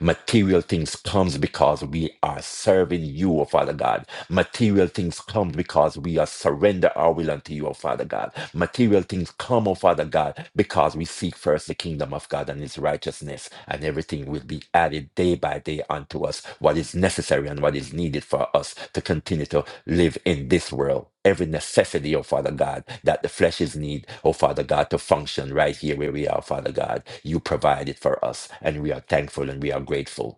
S3: material things comes because we are serving you, oh Father God. Material things come because we are surrender our will unto you, O Father God. Material things come, O Father God, because we seek first the kingdom of God and his righteousness, and everything will be added day by day unto us, what is necessary and what is needed for us to continue to live in this world. Every necessity, O Father God, that the flesh is need, O Father God, to function right here where we are, Father God. You provide it for us, and we are thankful and we are grateful.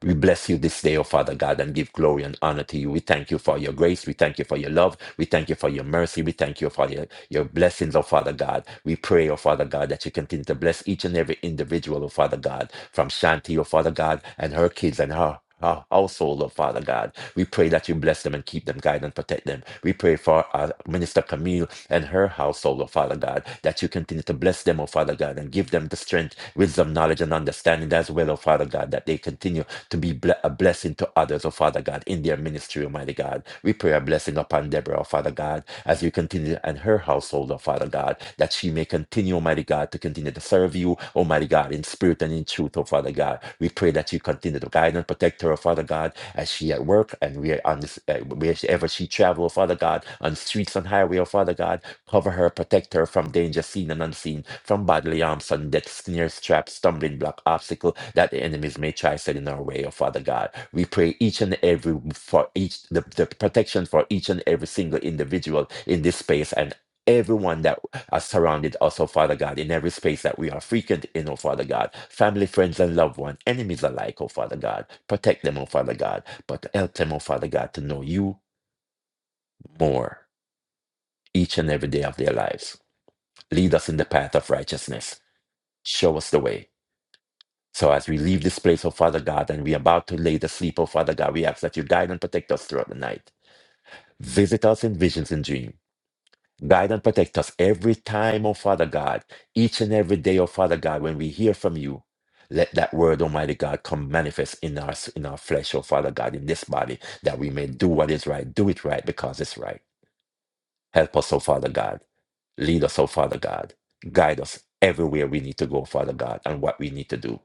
S3: We bless you this day, O Father God, and give glory and honor to you. We thank you for your grace. We thank you for your love. We thank you for your mercy. We thank you for your, your blessings, O Father God. We pray, O Father God, that you continue to bless each and every individual, O Father God, from Shanti, O Father God, and her kids and her our household, oh Father God. We pray that you bless them and keep them, guide and protect them. We pray for our Minister Camille and her household, oh Father God, that you continue to bless them, oh Father God, and give them the strength, wisdom, knowledge, and understanding as well, oh Father God, that they continue to be ble- a blessing to others, oh Father God, in their ministry, Almighty God. We pray a blessing upon Deborah, oh Father God, as you continue and her household, oh Father God, that she may continue, Almighty God, to continue to serve you, Almighty God, in spirit and in truth, oh Father God. We pray that you continue to guide and protect her, oh Father God, as she at work and we are on this, uh, wherever she travel, oh Father God, on streets and highway, oh Father God. Cover her, protect her from danger seen and unseen, from bodily harm, sudden death, snares, traps, stumbling block, obstacle that the enemies may try set in our way, oh Father God. We pray each and every for each the, the protection for each and every single individual in this space and everyone that are surrounded us, oh Father God, in every space that we are frequent in, oh Father God. Family, friends, and loved one, enemies alike, oh Father God. Protect them, oh Father God, but help them, oh Father God, to know you more each and every day of their lives. Lead us in the path of righteousness. Show us the way. So as we leave this place, oh Father God, and we're about to lay to sleep, oh Father God, we ask that you guide and protect us throughout the night. Visit us in visions and dreams. Guide and protect us every time, oh Father God, each and every day, oh Father God, when we hear from you. Let that word, Almighty God, come manifest in our in our flesh, oh Father God, in this body, that we may do what is right, do it right because it's right. Help us, oh Father God. Lead us, oh Father God. Guide us everywhere we need to go, Father God, and what we need to do.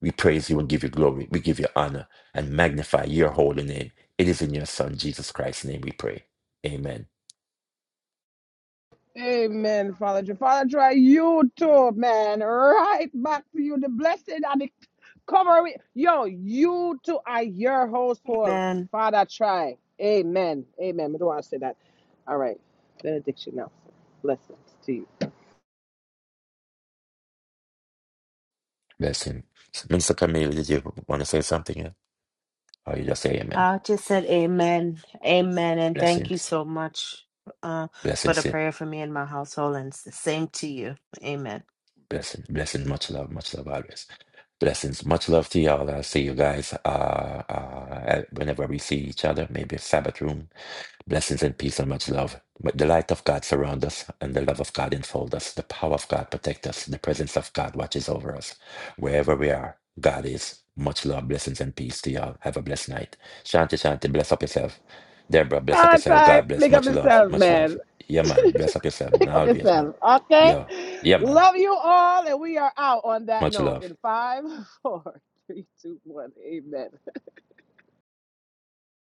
S3: We praise you and give you glory. We give you honor and magnify your holy name. It is in your Son, Jesus Christ's name, we pray. Amen.
S1: Amen, Father Joe. Father Joe, you too, man. Right back to you. The blessing and the covering. Yo, you too are your household.
S2: Amen.
S1: Father, try. Amen. Amen. I don't want to say that. All right. Benediction now. Blessings to you.
S3: Blessing. Minister Camille, did you want to say something? yeah? Or you just say amen?
S2: I just said amen. Amen. And thank you
S3: Blessings.
S2: so much uh, for the
S3: Blessings. yeah.
S2: prayer for me and my household. And it's the same to you. Amen.
S3: Blessing. Blessing. Much love. Much love always. Blessings. Much love to y'all. I'll see you guys uh, uh, whenever we see each other, maybe Sabbath room Blessings and peace and much love. May the light of God surround us, and the love of God enfold us. The power of God protect us. The presence of God watches over us. Wherever we are, God is. Much love, blessings, and peace to y'all. Have a blessed night. Shanti, shanti, bless up yourself. Deborah, bless up
S1: Father,
S3: yourself.
S1: try.
S3: God bless.
S1: Make up
S3: Much love,
S1: yourself,
S3: much love.
S1: man.
S3: Yeah, man. Bless up yourself, man.
S1: Pick up
S3: Always, man.
S1: yourself. Okay.
S3: Yeah. Yeah, man.
S1: Love you all. And we are out on that
S3: Much
S1: note
S3: love.
S1: in five, four, three, two, one. Amen.